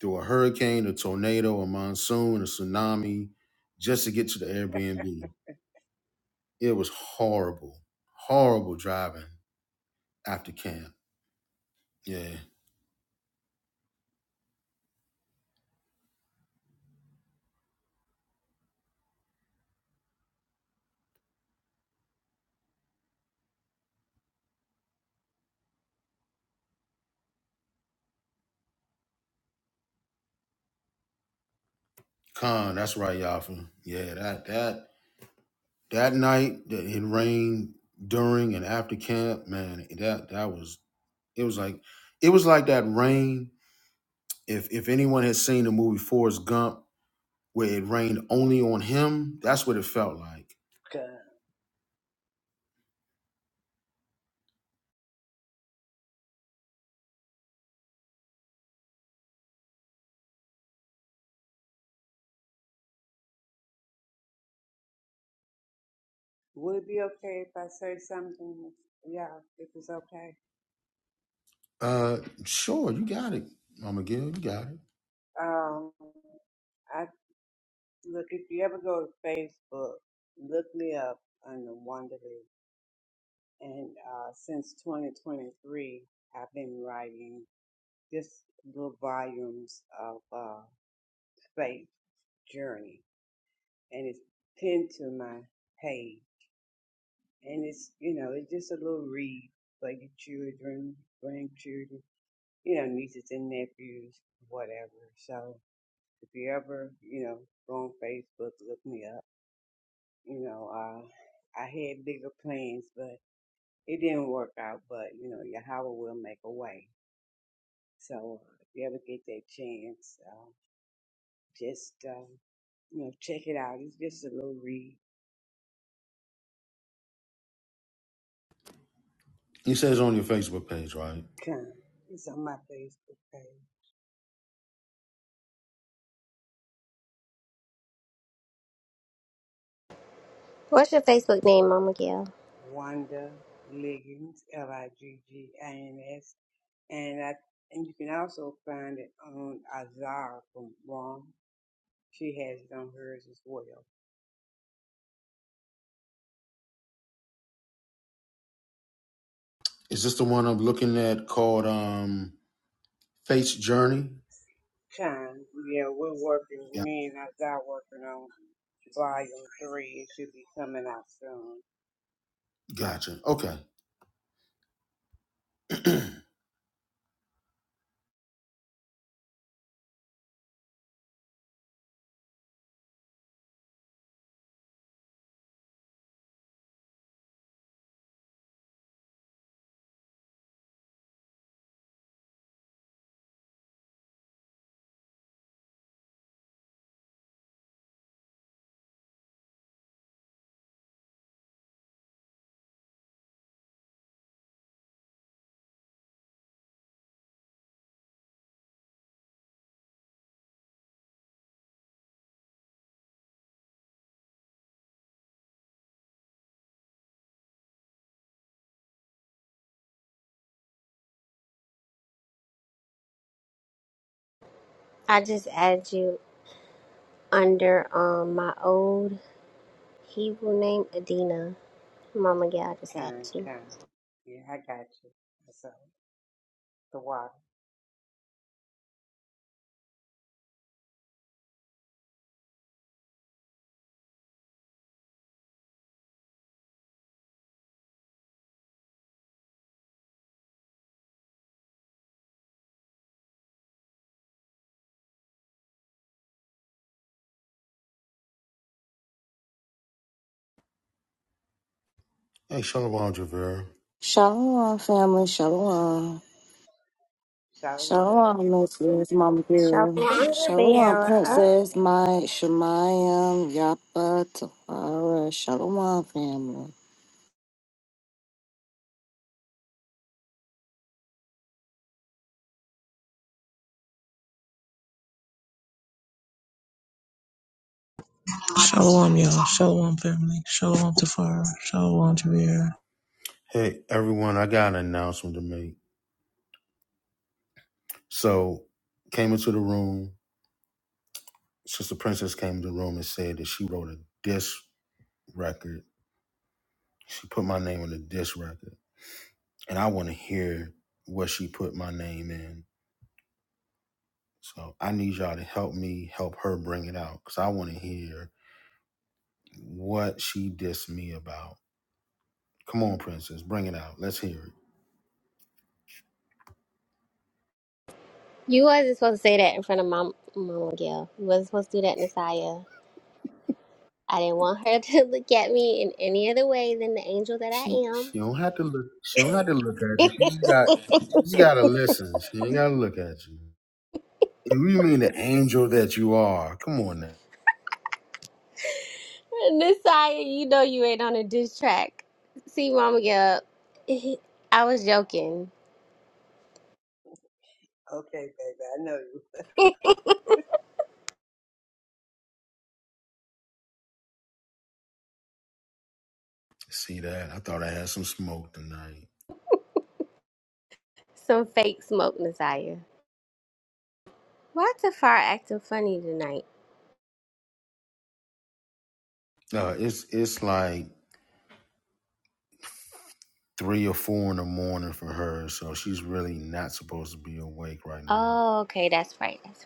Speaker 1: through a hurricane, a tornado, a monsoon, a tsunami, just to get to the Airbnb. It was horrible, horrible driving after camp. Yeah, Con, that's right, Yafa. Yeah, that that that night that it rained during and after camp, man. That that was it was like it was like that rain. If if anyone has seen the movie Forrest Gump, where it rained only on him, that's what it felt like.
Speaker 6: 'Cause Would it be okay if I say something? Yeah, if it's okay.
Speaker 1: Uh, sure, you got it, Mama Gill, you got it.
Speaker 6: Um, I look if you ever go to Facebook, look me up under Wanderly. And uh, since 2023, I've been writing just little volumes of uh, faith journey, and it's pinned to my page. And it's you know it's just a little read for your children, grandchildren, you know nieces and nephews, whatever. So If you ever, you know, go on Facebook, look me up. You know, uh, I had bigger plans, but it didn't work out. But you know, Yahweh will make a way. So uh, if you ever get that chance, uh, just uh, you know, check it out. It's just a little recon.
Speaker 1: He says on your Facebook page, right?
Speaker 6: It's on my Facebook page,
Speaker 5: What's your Facebook name, Mama Gail?
Speaker 6: Wanda Liggins, L I G G I N S, and I and you can also find it on Azar from Rom. She has it on hers as well.
Speaker 1: Is this the one I'm looking at called um Faith's Journey?
Speaker 6: time. Yeah, we're working,
Speaker 1: Yeah.
Speaker 6: me and I got working on volume three. It should be coming out soon.
Speaker 1: Gotcha. Okay. hey,
Speaker 5: I just added you under um my old. Hebrew name Adina. Mama Gal just
Speaker 6: Time,
Speaker 5: asked you.
Speaker 6: time, Yeah, I got you. So, the water.
Speaker 1: Shalom Javera.
Speaker 8: Shalom, family. Shalom.
Speaker 6: Shalom.
Speaker 8: Shalom, Mrs. Mama Girl.
Speaker 5: Sharonda
Speaker 8: Shalom,
Speaker 5: Vera.
Speaker 8: Princess
Speaker 6: Shalom.
Speaker 8: Mike, Shemayam, Yapa, Tafara. Shalom, family.
Speaker 7: Shalom, y'all. Shalom, family. Shalom, Tafar. Shalom, Jameer.
Speaker 1: Hey, everyone, I got an announcement to make. So, came into the room, Sister Princess came to the room and said that she wrote a disc record. She put my name on the disc record. And I want to hear what she put my name in. So, I need y'all to help me help her bring it out because I want to hear What she dissed me about. Come on, princess, bring it out. Let's hear it.
Speaker 5: You wasn't supposed to say that in front of Mom, Mama Gal. You wasn't supposed to do that, Messiah. I didn't want her to look at me in any other way than the angel that I
Speaker 1: She
Speaker 5: am.
Speaker 1: she don't have to look. She don't have to look at you. She just got she's gotta listen. She ain't gotta look at you. If you mean the angel that you are, come on now.
Speaker 5: Messiah, you know you ain't on a diss track. See, Mama Gal, I was joking.
Speaker 6: Okay, baby, I know
Speaker 1: See that? I thought I had some smoke tonight.
Speaker 5: Some fake smoke, Messiah. Why Tafar acting funny tonight?
Speaker 1: Uh, it's it's like three or four in the morning for her, so she's really not supposed to be awake right now.
Speaker 5: Oh, okay, that's right, that's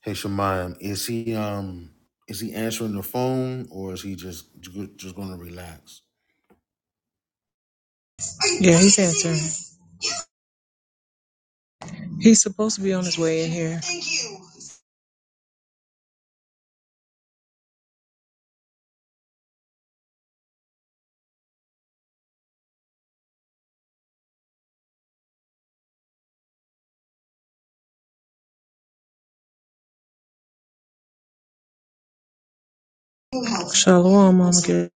Speaker 1: Hey Shemayim, is he um is he answering the phone or is he just just going to relax?
Speaker 7: Yeah, he's answering. He's supposed to be on his way in here. Shalom, Mama Girl.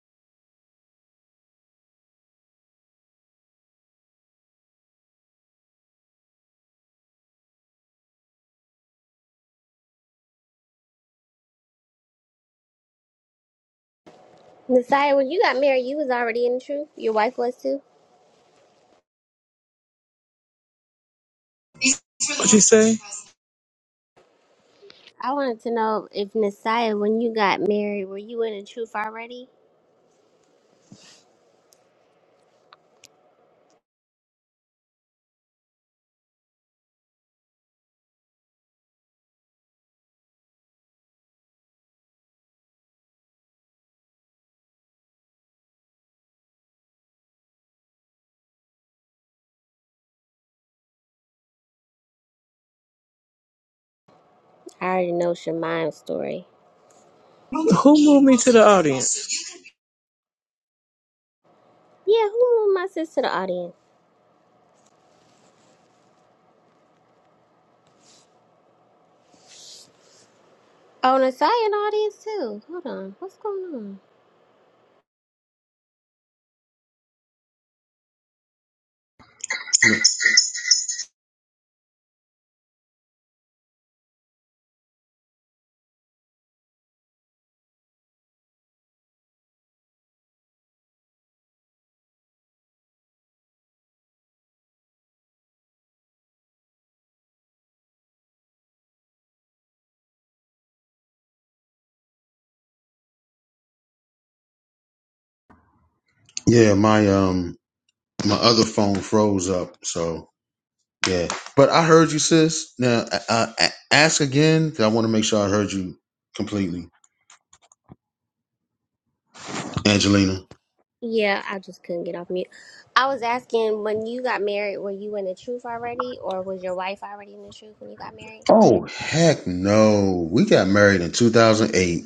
Speaker 5: right. Messiah, when you got married, you was already in the truth. Your wife was too.
Speaker 7: What'd you say?
Speaker 5: I wanted to know if Nasiah, when you got married, were you in the truth already? I already know Shemine's story.
Speaker 7: Who moved me to the audience?
Speaker 5: Yeah, who moved my sis to the audience? Oh, Nasiah in the audience too. Hold on, what's going on?
Speaker 9: Yeah, my um my other phone froze up, so yeah. But I heard you, sis. Now uh, uh, a- ask again 'cause I want to make sure I heard you completely, Angelina.
Speaker 5: Yeah, I just couldn't get off mute. I was asking when you got married, were you in the truth already, or was your wife already in the truth when you got married?
Speaker 9: Oh heck no! We got married in 2008.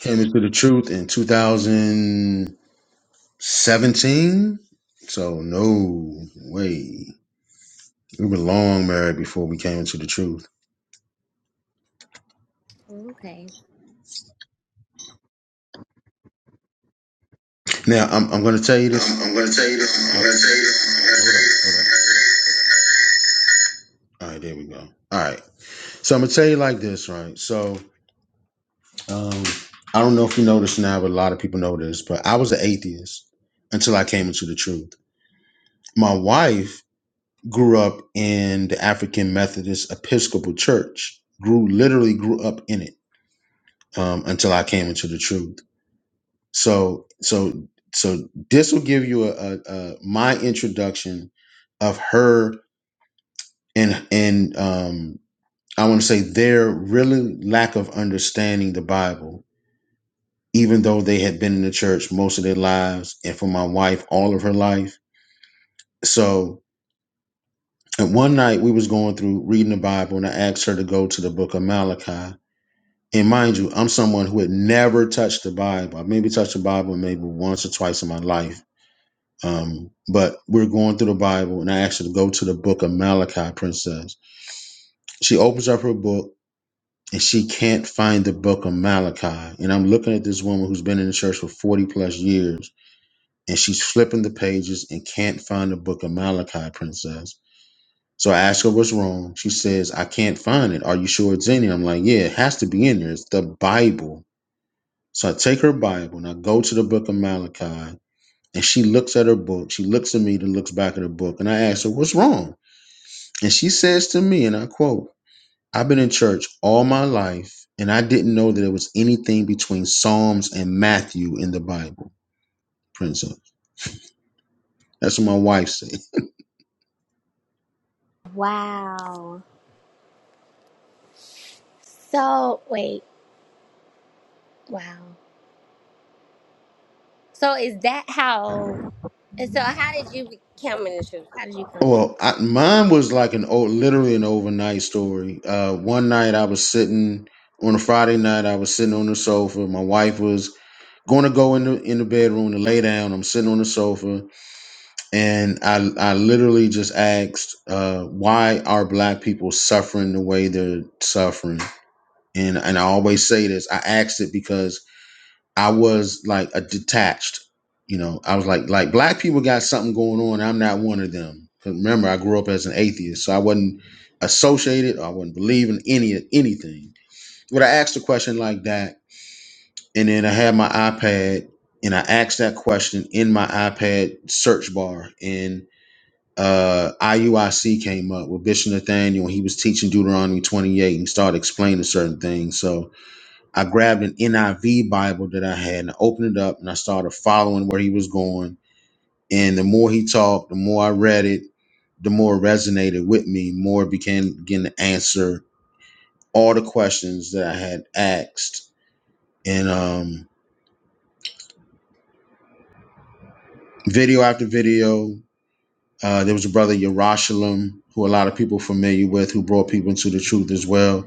Speaker 9: Came into the truth in 2017. So no way. We were long married before we came into the truth.
Speaker 5: Okay.
Speaker 9: Now I'm I'm gonna tell you this. I'm, I'm gonna tell you this. I'm gonna tell you this. I'm gonna tell you this. All right, there we go. All right. So I'm gonna tell you like this, right? So um, I don't know if you know this now, but a lot of people know this. But I was an atheist until I came into the truth. My wife grew up in the African Methodist Episcopal Church. Grew literally grew up in it um, until I came into the truth. So so so this will give you a, a, a my introduction of her and and um, I want to say their really lack of understanding the Bible even though they had been in the church most of their lives and for my wife all of her life so and one night we was going through reading the bible and i asked her to go to the book of malachi and mind you i'm someone who had never touched the bible i maybe touched the bible maybe once or twice in my life um, but we're going through the bible and i asked her to go to the book of malachi princess she opens up her book and she can't find the book of malachi and i'm looking at this woman who's been in the church for 40 plus years and she's flipping the pages and can't find the book of Malachi, Princess. So I ask her what's wrong. She says, I can't find it. Are you sure it's in here? I'm like, yeah, it has to be in there. It's the Bible. So I take her Bible and I go to the book of Malachi and she looks at her book. She looks at me then looks back at her book. And I ask her, what's wrong? And she says to me, and I quote, I've been in church all my life and I didn't know that there was anything between Psalms and Matthew in the Bible, Princess. That's what my wife said.
Speaker 5: Wow. So wait, wow. So is that how? And so how did you become in the truth? How did you come in the truth?
Speaker 9: Well, I, mine was like an old, literally an overnight story. Uh, one night I was sitting on a Friday night. I was sitting on the sofa. My wife was going to go in the in the bedroom to lay down. I'm sitting on the sofa, and I I literally just asked, uh, "Why are black people suffering the way they're suffering?" And and I always say this. I asked it because I was like a detached, you know. I was like, like black people got something going on. I'm not one of them. 'Cause remember, I grew up as an atheist, so I wasn't associated. Or I wouldn't believe in any anything. But I asked a question like that, and then I had my iPad, and I asked that question in my iPad search bar, and uh, IUIC came up with Bishop Nathaniel. He was teaching Deuteronomy 28 and started explaining certain things. So I grabbed an NIV Bible that I had and I opened it up and I started following where he was going. And the more he talked, the more I read it, the more it resonated with me, more it began began to answer all the questions that I had asked. And um, video after video, uh, there was a brother Yerushalayim, who a lot of people are familiar with, who brought people into the truth as well.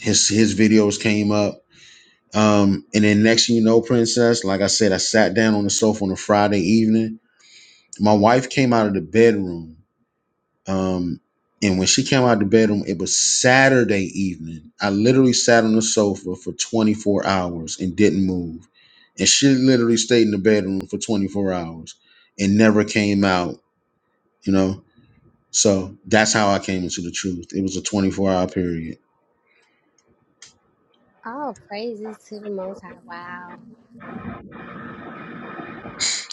Speaker 9: His his videos came up. Um, and then next thing you know, princess, like I said, I sat down on the sofa on a Friday evening my wife came out of the bedroom um and when she came out of the bedroom it was saturday evening i literally sat on the sofa for 24 hours and didn't move and she literally stayed in the bedroom for 24 hours and never came out you know so that's how i came into the truth it was a 24 hour period
Speaker 5: All praises to the Most High. Wow.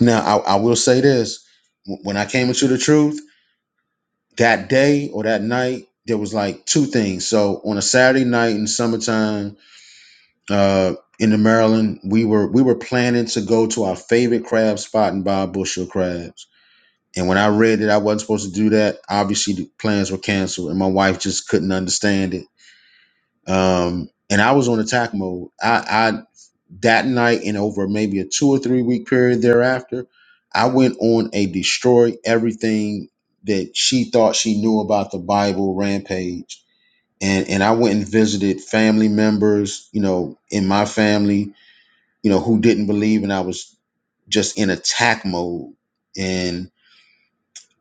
Speaker 9: now i, I will say this Wh- when i came into the truth that day or that night there was like two things so on a saturday night in the summertime uh, in Maryland, we were we were planning to go to our favorite crab spot and buy a bushel of crabs. And when I read that I wasn't supposed to do that, obviously the plans were canceled, and my wife just couldn't understand it. Um, and I was on attack mode. I, I that night and over maybe a two or three week period thereafter, I went on a destroy everything that she thought she knew about the Bible rampage. And and I went and visited family members, you know, in my family you know, who didn't believe and I was just in attack mode. And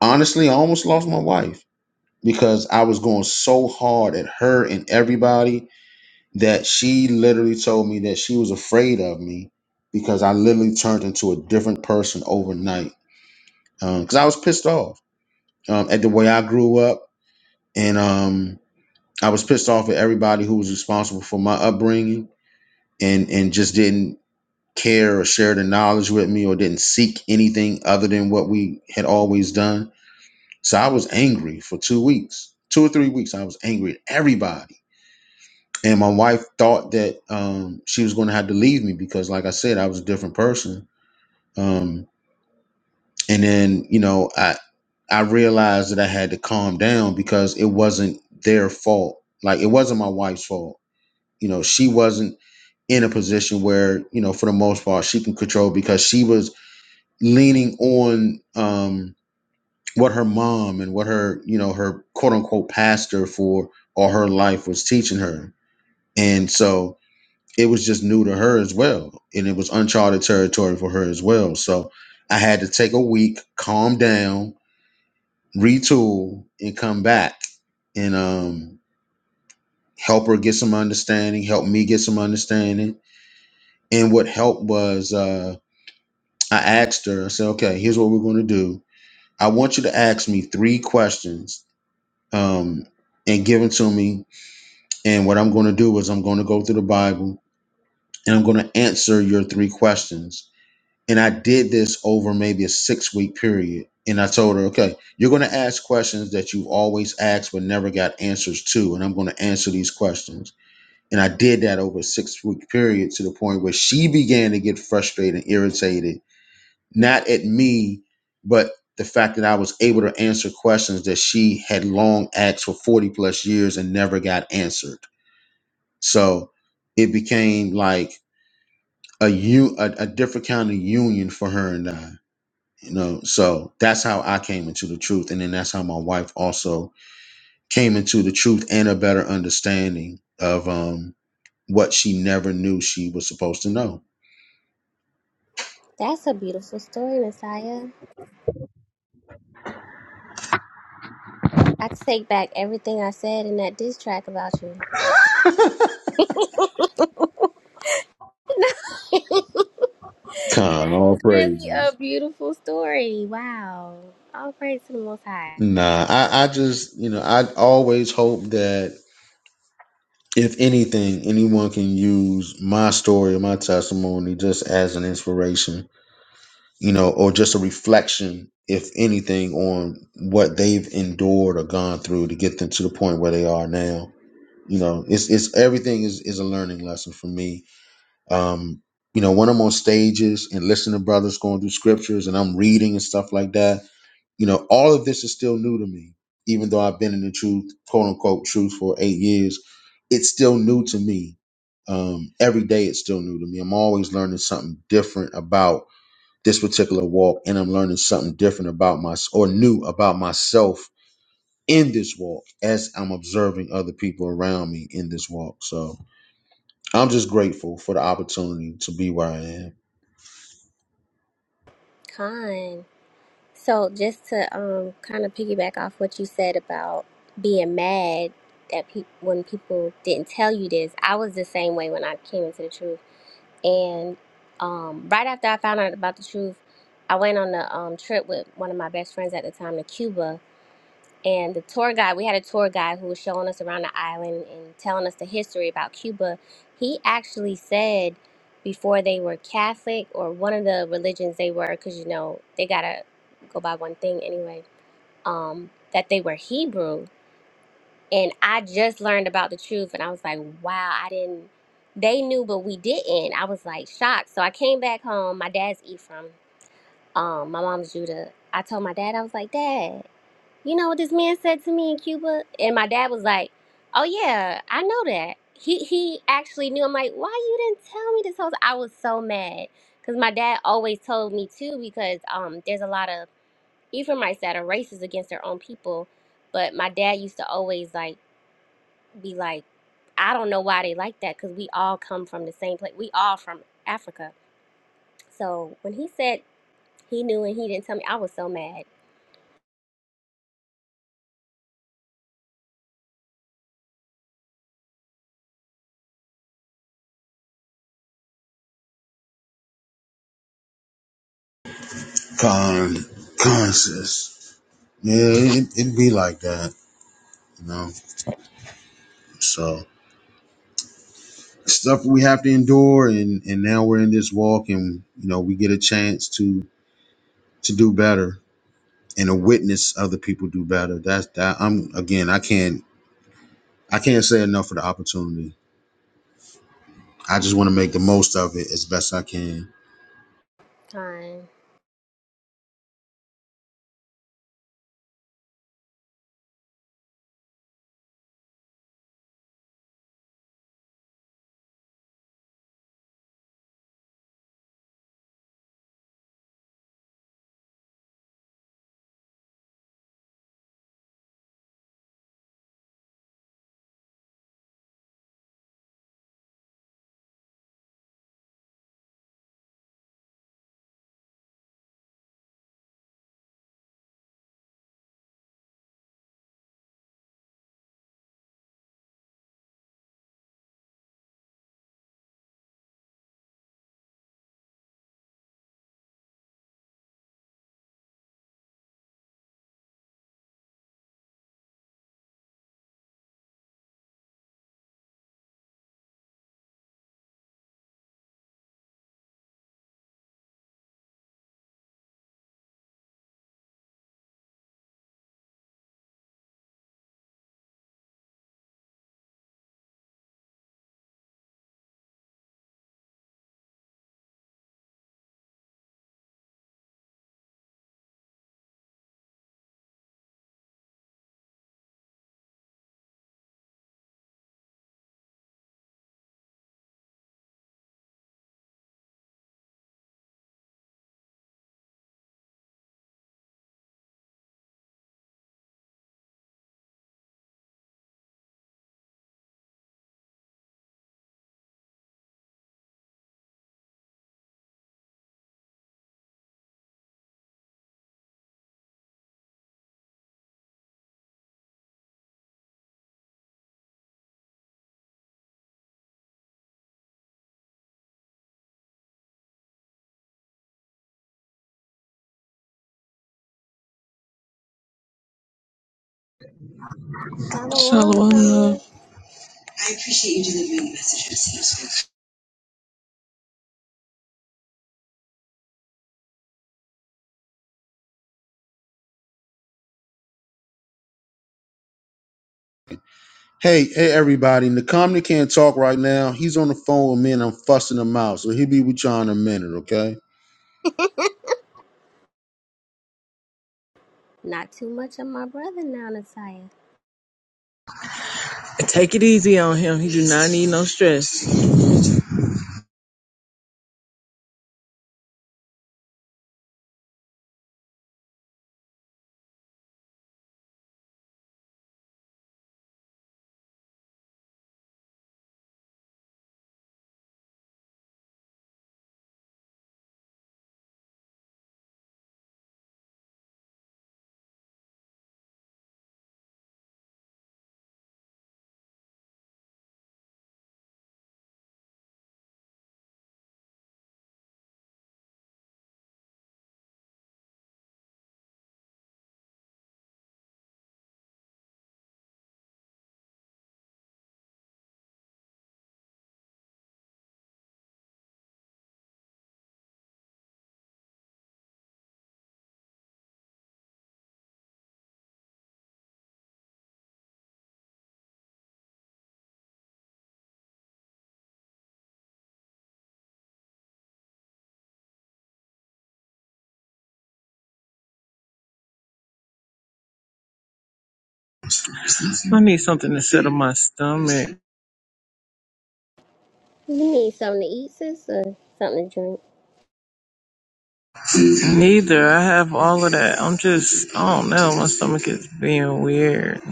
Speaker 9: honestly, I almost lost my wife because I was going so hard at her and everybody that she literally told me that she was afraid of me because I literally turned into a different person overnight. Because I was pissed off um, at the way I grew up. And um, I was pissed off at everybody who was responsible for my upbringing and, and just didn't care or share the knowledge with me or didn't seek anything other than what we had always done. So I was angry for two weeks, two or three weeks. I was angry at everybody. And my wife thought that um, she was going to have to leave me because, like I said, I was a different person. Um, and then, you know, I, I realized that I had to calm down because it wasn't their fault. Like, it wasn't my wife's fault. You know, she wasn't in a position where, you know, for the most part, she can control because she was leaning on um, what her mom and what her you know her quote unquote pastor for all her life was teaching her and so it was just new to her as well and it was uncharted territory for her as well so i had to take a week calm down retool and come back and um, help her get some understanding help me get some understanding and what helped was uh, i asked her i said okay here's what we're going to do i want you to ask me three questions um, and given to me. And what I'm going to do is I'm going to go through the Bible and I'm going to answer your three questions. And I did this over maybe a six week period. And I told her, okay, you're going to ask questions that you've always asked but never got answers to. And I'm going to answer these questions. And I did that over a six week period to the point where she began to get frustrated and irritated not at me, but the fact that I was able to answer questions that she had long asked for 40 plus years and never got answered. So it became like a u a, a different kind of union for her and I. You know, so that's how I came into the truth, and then that's how my wife also came into the truth and a better understanding of um what she never knew she was supposed to know.
Speaker 5: That's a beautiful story, Messiah. I take back everything I said in that diss track about you. that
Speaker 9: Con all
Speaker 5: is really a
Speaker 9: praises.
Speaker 5: beautiful story. Wow. All praise to the Most High.
Speaker 9: Nah, I, I just you know I always hope that if anything, anyone can use my story or my testimony just as an inspiration, you know, or just a reflection, if anything, on what they've endured or gone through to get them to the point where they are now. You know, it's it's everything is is a learning lesson for me. Um, you know, when I'm on stages and listening to brothers going through scriptures and I'm reading and stuff like that, you know, all of this is still new to me, even though I've been in the truth, quote unquote, truth for eight years. It's still new to me. Um, every day it's still new to me. I'm always learning something different about this particular walk, and I'm learning something different about my or new about myself in this walk as I'm observing other people around me in this walk. So I'm just grateful for the opportunity to be where I am.
Speaker 5: Con. So just to um kind of piggyback off what you said about being mad that pe- when people didn't tell you this, I was the same way when I came into the truth And um, right after I found out about the truth, I went on a um, trip with one of my best friends at the time to Cuba. And the tour guide, we had a tour guide who was showing us around the island and telling us the history about Cuba. He actually said before they were Catholic or one of the religions they were, because you know, they got to go by one thing anyway, um, that they were Hebrew and I just learned about the truth, and I was like, wow, I didn't. They knew, but we didn't. I was like shocked. So I came back home. My dad's Ephraim. Um, my mom's Judah. I told my dad, I was like, Dad, you know what this man said to me in Cuba? And my dad was like, Oh yeah, I know that. He he actually knew. I'm like, why you didn't tell me this whole? time? I was so mad because my dad always told me too. Because um, there's a lot of Ephraimites that are racist against their own people, but my dad used to always like be like, I don't know why they like that because we all come from the same place. We all from Africa. So when he said he knew and he didn't tell me, I was so mad.
Speaker 9: Con, conscious. Yeah, it, it be like that, you know. So. stuff we have to endure and and now we're in this walk and you know we get a chance to to do better and to witness other people do better that's that i'm again i can't i can't say enough for the opportunity i just want to make the most of it as best i can
Speaker 5: Time. Shalom
Speaker 7: Shalom,
Speaker 5: come
Speaker 7: love.
Speaker 5: you.
Speaker 9: hey hey everybody nakamni can't talk right now he's on the phone with me and i'm fussing him out so he'll be with y'all in a minute okay
Speaker 5: Not too much of my brother now, Natalia.
Speaker 7: Take it easy on him. He do not need no stress. I need something to settle my stomach.
Speaker 5: You need something to eat, sis, or something to drink?
Speaker 7: Neither. I have all of that. I'm just, I don't know. My stomach is being weird.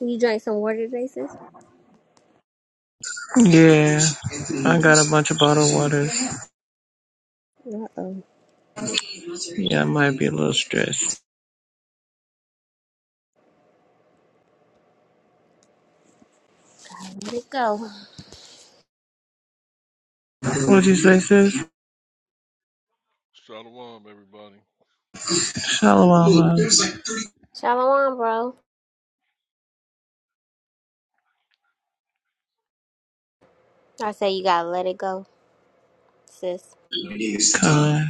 Speaker 5: You drank some water today, sis?
Speaker 7: Yeah. I got a bunch of bottled waters.
Speaker 5: Uh-oh.
Speaker 7: Yeah, I might be a little stressed.
Speaker 5: Let it go.
Speaker 7: What'd you say, sis?
Speaker 10: Shalom, everybody.
Speaker 7: Shalom.
Speaker 5: Shalom, bro. I say you gotta let it go, sis.
Speaker 7: huh? Kind.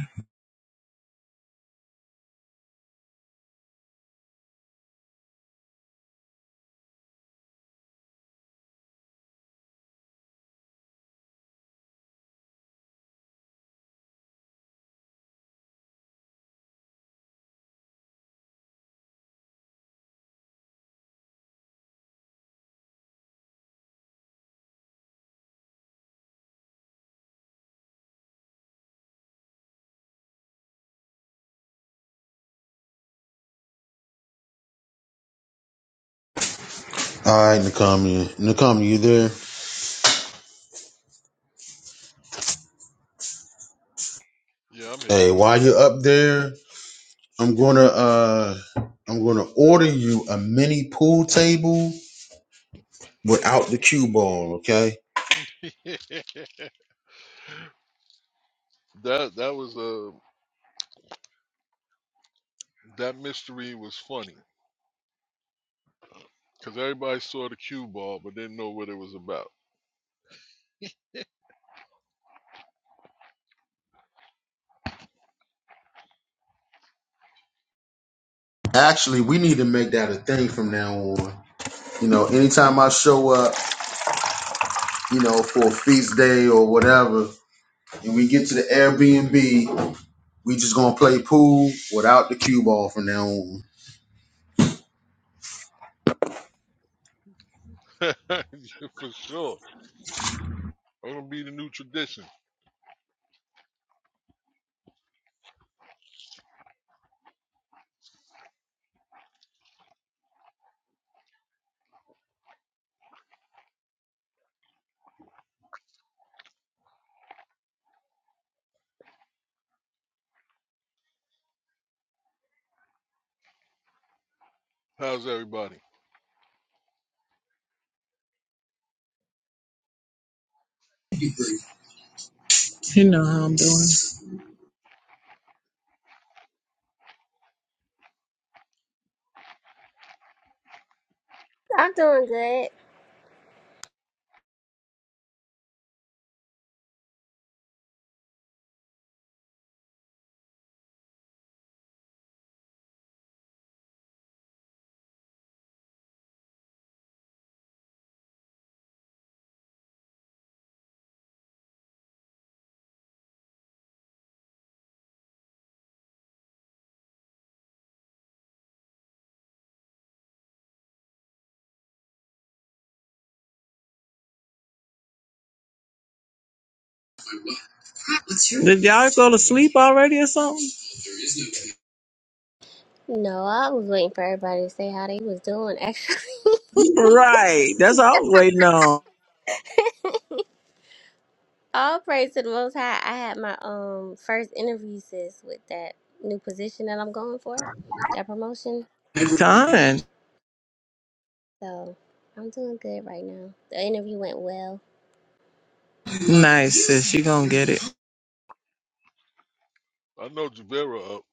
Speaker 9: all right nakamni nakamni you there
Speaker 10: Yeah, I'm here.
Speaker 9: hey while you're up there I'm gonna uh I'm gonna order you a mini pool table without the cue ball, okay?
Speaker 10: that that was uh, that mystery was funny because everybody saw the cue ball but didn't know what it was about.
Speaker 9: Actually, we need to make that a thing from now on. You know, anytime I show up, you know, for a feast day or whatever, and we get to the Airbnb, we just gonna play pool without the cue ball from now on.
Speaker 10: Yeah, For sure, I'm gonna be the new tradition. How's everybody?
Speaker 7: You know how I'm doing.
Speaker 5: I'm doing good.
Speaker 7: Did y'all go to sleep already or something?
Speaker 5: No, I was waiting for everybody to say how they was doing, actually.
Speaker 7: Right. That's all I was waiting on.
Speaker 5: All praise to the Most High. I had my um first interview sis with that new position that I'm going for, that promotion.
Speaker 7: Kind.
Speaker 5: So I'm doing good right now. The interview went well.
Speaker 7: Nice, sis. You gonna get it.
Speaker 10: I know Javera up.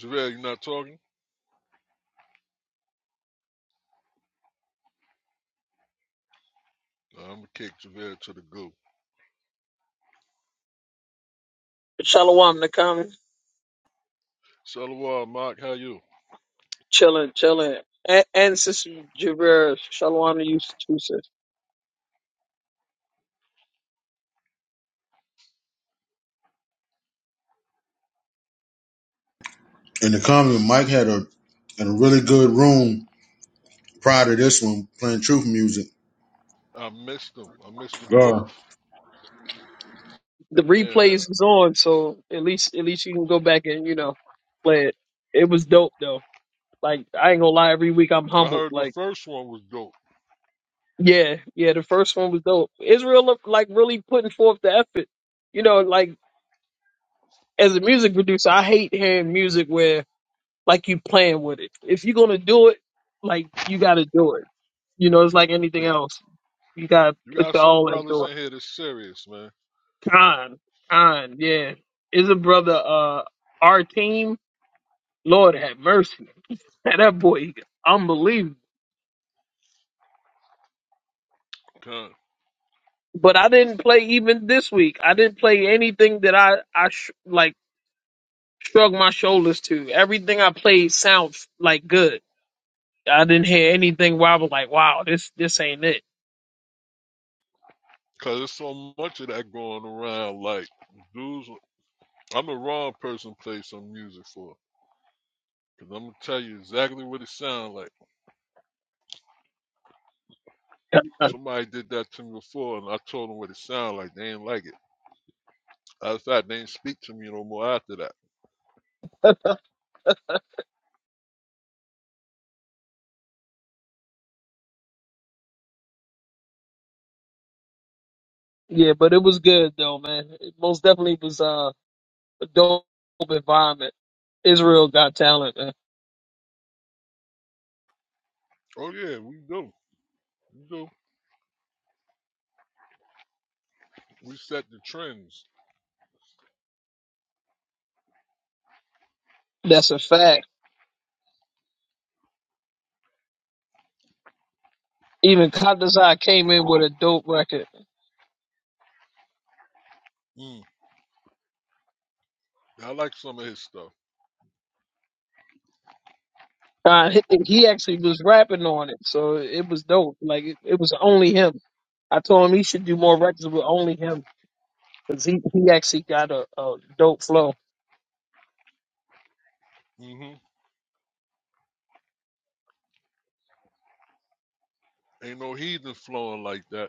Speaker 10: Javera, you not talking? Nah, I'm gonna kick Javera to the goo.
Speaker 2: Shalom Nakam,
Speaker 10: Shalom, Mark. How you?
Speaker 2: chilling, chilling. And, and Sister Javera, Shalom to you too, sis.
Speaker 9: In the comment, Mike had a in a really good room prior to this one playing truth music.
Speaker 10: I missed them. I missed them
Speaker 9: Uh,
Speaker 10: both.
Speaker 2: The
Speaker 10: Yeah,
Speaker 2: replays is on, so at least at least you can go back and you know play it. It was dope though. Like I ain't gonna lie, every week I'm
Speaker 10: I I
Speaker 2: humbled.
Speaker 10: heard the
Speaker 2: Like.
Speaker 10: first one was dope.
Speaker 2: Yeah, yeah, the first one was dope. Israel look like really putting forth the effort. You know, like as a music producer, I hate hearing music where like you playing with it. If you're gonna do it, like you gotta do it. You know, it's like anything
Speaker 10: Yeah,
Speaker 2: else. You gotta
Speaker 10: you
Speaker 2: put
Speaker 10: got
Speaker 2: your
Speaker 10: some
Speaker 2: all
Speaker 10: brothers
Speaker 2: into it.
Speaker 10: in here that's serious, man.
Speaker 2: Khan, Khan, yeah. Is a brother uh our team, Lord have mercy. Man, that boy unbelievable.
Speaker 10: Come.
Speaker 2: But I didn't play even this week. I didn't play anything that I I sh- like Shrug my shoulders to. Everything I played sounds like good. I didn't hear anything where I was like, wow, this this ain't it.
Speaker 10: Cause there's so much of that going around. Like dudes, I'm the wrong person to play some music for. Cause I'm gonna tell you exactly what it sounds like. Somebody did that to me before, and I told them what it sounded like. They ain't like it. As a fact, they ain't speak to me no more after that.
Speaker 2: Yeah, but it was good though, man. It most definitely was uh, a dope environment. Israel got talent, man.
Speaker 10: Oh yeah, we do. We do. We set the trends.
Speaker 2: That's a fact. Even Kadazai came in with a dope record.
Speaker 10: Mm, I like some of his stuff.
Speaker 2: Uh, he, he actually was rapping on it, so it was dope. Like it, it was only him. I told him he should do more records with only him because he, he actually got a, a dope flow.
Speaker 10: Mm hmm Ain't no heathen flowing like that.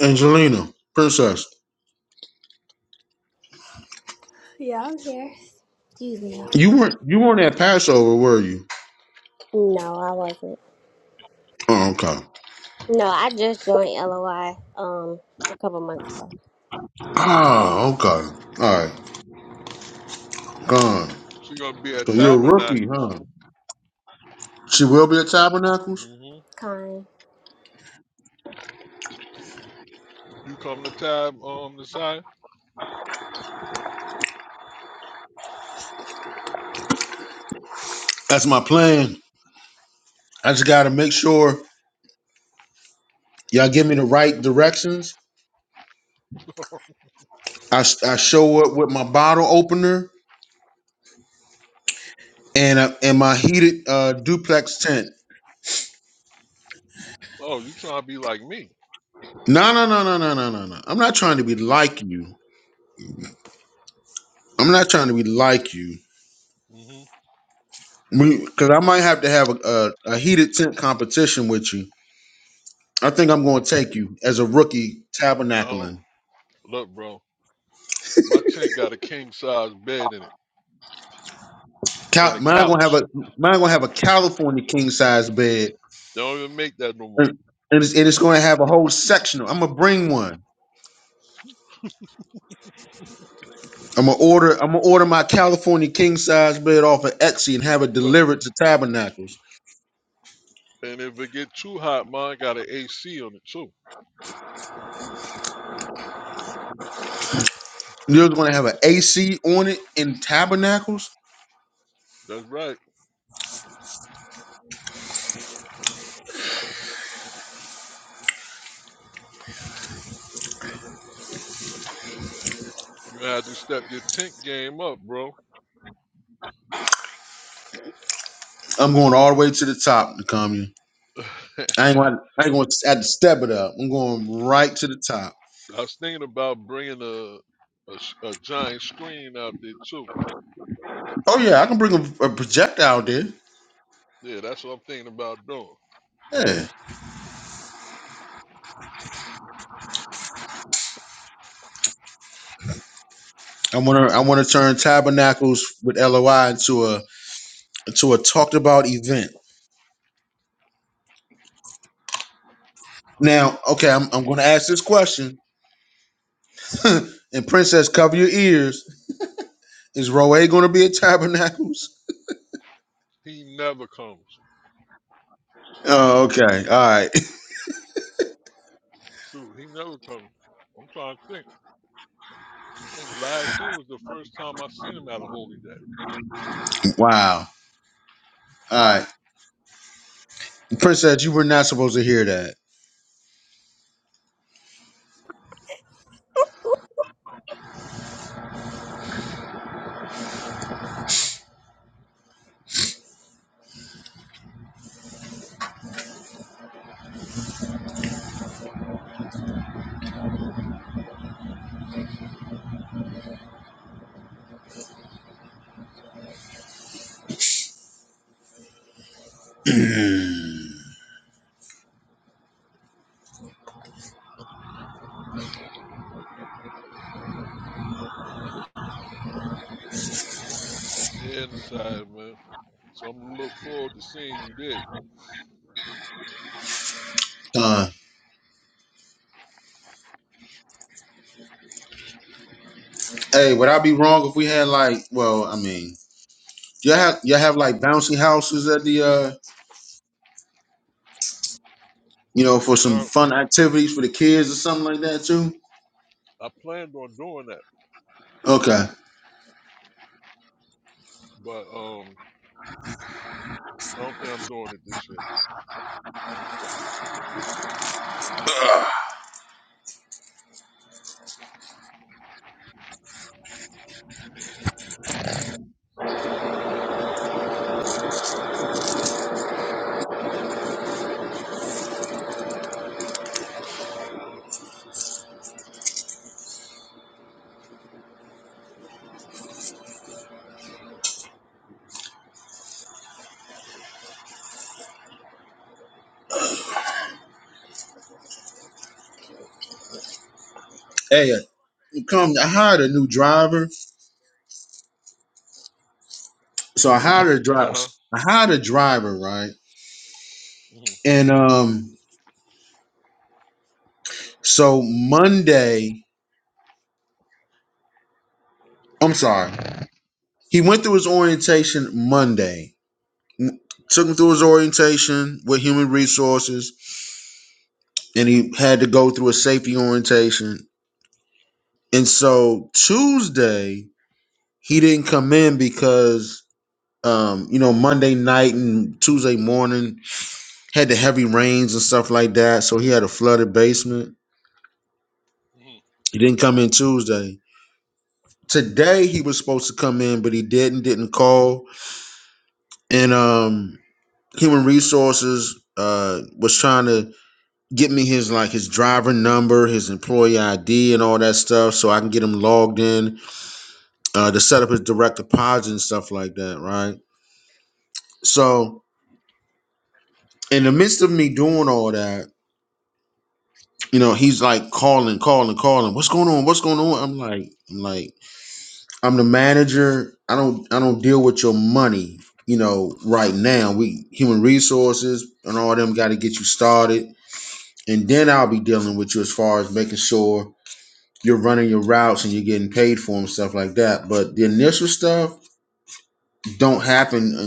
Speaker 9: Angelina, princess,
Speaker 5: Yeah, I'm here. Excuse me.
Speaker 9: you weren't you weren't at Passover, were you?
Speaker 5: No, I wasn't.
Speaker 9: Oh, okay.
Speaker 5: No, I just joined LOI um a couple months ago.
Speaker 9: Ah, okay. All right. Gone.
Speaker 10: She gonna be
Speaker 9: So
Speaker 10: at
Speaker 9: you're a rookie,
Speaker 10: Tabernacles.
Speaker 9: huh? She will be at Tabernacles?
Speaker 10: Mm hmm
Speaker 5: Kind.
Speaker 10: You coming to Tab um the side?
Speaker 9: That's my plan. I just got to make
Speaker 10: Oh,
Speaker 9: sure y'all give me the right directions. I, s- I show up with my bottle opener and I, and my heated uh, duplex tent.
Speaker 10: oh, you trying to be like me?
Speaker 9: No, no, no, no, no, no, no, no. I'm not trying to be like you. I'm not trying to be like you.
Speaker 10: Mm hmm.
Speaker 9: Because I might have to have a, a, a heated tent competition with you. I think I'm going to take you as a rookie
Speaker 10: I don't
Speaker 9: tabernacling.
Speaker 10: look, bro. My tent got a king size bed in it and
Speaker 9: Cal-
Speaker 10: a
Speaker 9: mine gonna have
Speaker 10: couch.
Speaker 9: a mine gonna have a California king size bed,
Speaker 10: They don't even make that no
Speaker 9: and,
Speaker 10: more.
Speaker 9: and it's, and it's gonna have a whole sectional. I'm gonna bring one. I'm gonna order. I'm gonna order my California king size bed off of Etsy and have it
Speaker 10: Look,
Speaker 9: delivered to Tabernacles.
Speaker 10: and if it get too hot, mine got an AC on it too.
Speaker 9: You're gonna have an AC on it in Tabernacles.
Speaker 10: That's right. You had to step your tent game up, bro.
Speaker 9: I'm going all the way to the top, Nakamiya.
Speaker 10: I
Speaker 9: I ain't gonna. I ain't gonna have to step it up. I'm going right to the top.
Speaker 10: was thinking about bringing a, a s- a giant screen out there too.
Speaker 9: Oh yeah, I can bring a, a projectile there.
Speaker 10: Yeah, that's what I'm thinking about doing.
Speaker 9: Yeah, I wanna. I wanna turn Tabernacles with LOI into a to a talked about event. Now, okay, I'm, I'm going to ask this question. and Princess, cover your ears. Is Roe going to be at Tabernacles?
Speaker 10: He never comes.
Speaker 9: Oh, okay. All right.
Speaker 10: Shoot, he never comes. I'm trying to think. I think last year was the first time I seen him at a holy day.
Speaker 9: Wow. All
Speaker 10: hmm
Speaker 9: right. Princess, you were not supposed to hear that.
Speaker 10: Yeah, inside, man. So I'm gonna look forward to seeing you there.
Speaker 9: uh, hey, would I be wrong if we had like, well, I mean, you all have you all have like bouncy houses at the uh, you know, for some
Speaker 10: Now
Speaker 9: fun activities for the kids or something like that too?
Speaker 10: I planned on doing that,
Speaker 9: Okay.
Speaker 10: but um, I don't think I'm doing it this year.
Speaker 9: Hey, uh, come I hired a new driver so I hired a
Speaker 10: Uh
Speaker 9: driver.
Speaker 10: huh.
Speaker 9: I hired a driver, right?
Speaker 10: hmm
Speaker 9: And um, so Monday, I'm sorry, he went through his orientation Monday. M- Took him through his orientation with human resources, and he had to go through a safety orientation. And so Tuesday, he didn't come in because. Um, you know, Monday night and Tuesday morning had the heavy rains and stuff like that. So he had a flooded basement.
Speaker 10: hmm
Speaker 9: He didn't come in Tuesday. Today he was supposed to come in, but he didn't. Didn't call. And um, human resources uh was trying to get me his like his driver number, his employee ID, and all that stuff, so I can get him logged in uh to set up his direct deposit and stuff like that. Right. So in the midst of me doing all that, you know, he's like calling, calling, calling. What's going on? What's going on? I'm like, I'm like. I'm the manager. I don't I don't deal with your money, you know, right now. We human resources and all them gotta get you started. And then I'll be dealing with you as far as making sure you're running your routes and you're getting paid for them stuff like that. But the initial stuff don't happen uh,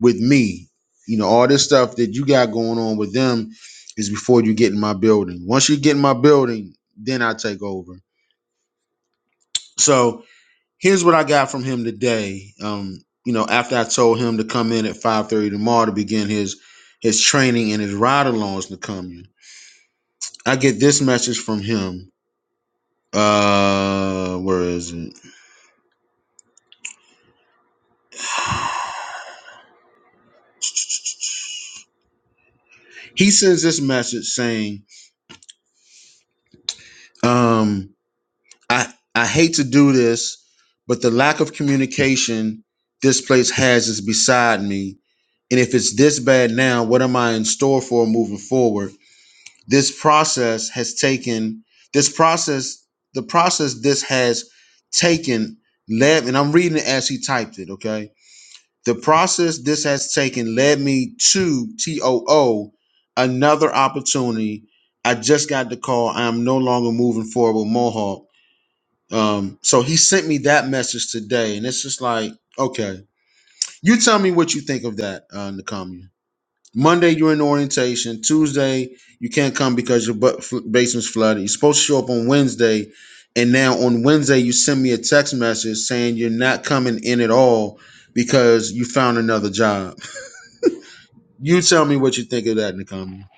Speaker 9: with me. You know, all this stuff that you got going on with them is before you get in my building. Once you get in my building, then I take over. So here's what I got from him today. Um, you know, after I told him to come in at 5:30 tomorrow to begin his his training and his ride alongs in the commune. I get this message from him. Uh where is it? He sends this message saying, um, I I hate to do this, but the lack of communication this place has is beside me. And if it's this bad now, what am I in store for moving forward? This process has taken this process, the process this has taken led, and I'm reading it as he typed it, okay? The process this has taken led me to TOO, another opportunity. I just got the call. I am no longer moving forward with Mohawk. Um, so he sent me that message today, and it's just like, okay, you tell me what you think of that, uh, Nakamiya. Monday you're in orientation. Tuesday you can't come because your butt fl- basement's flooded. You're supposed to show up on Wednesday, and now on Wednesday you send me a text message saying you're not coming in at all because you found another job. You tell me what you think of that, in the Nakami.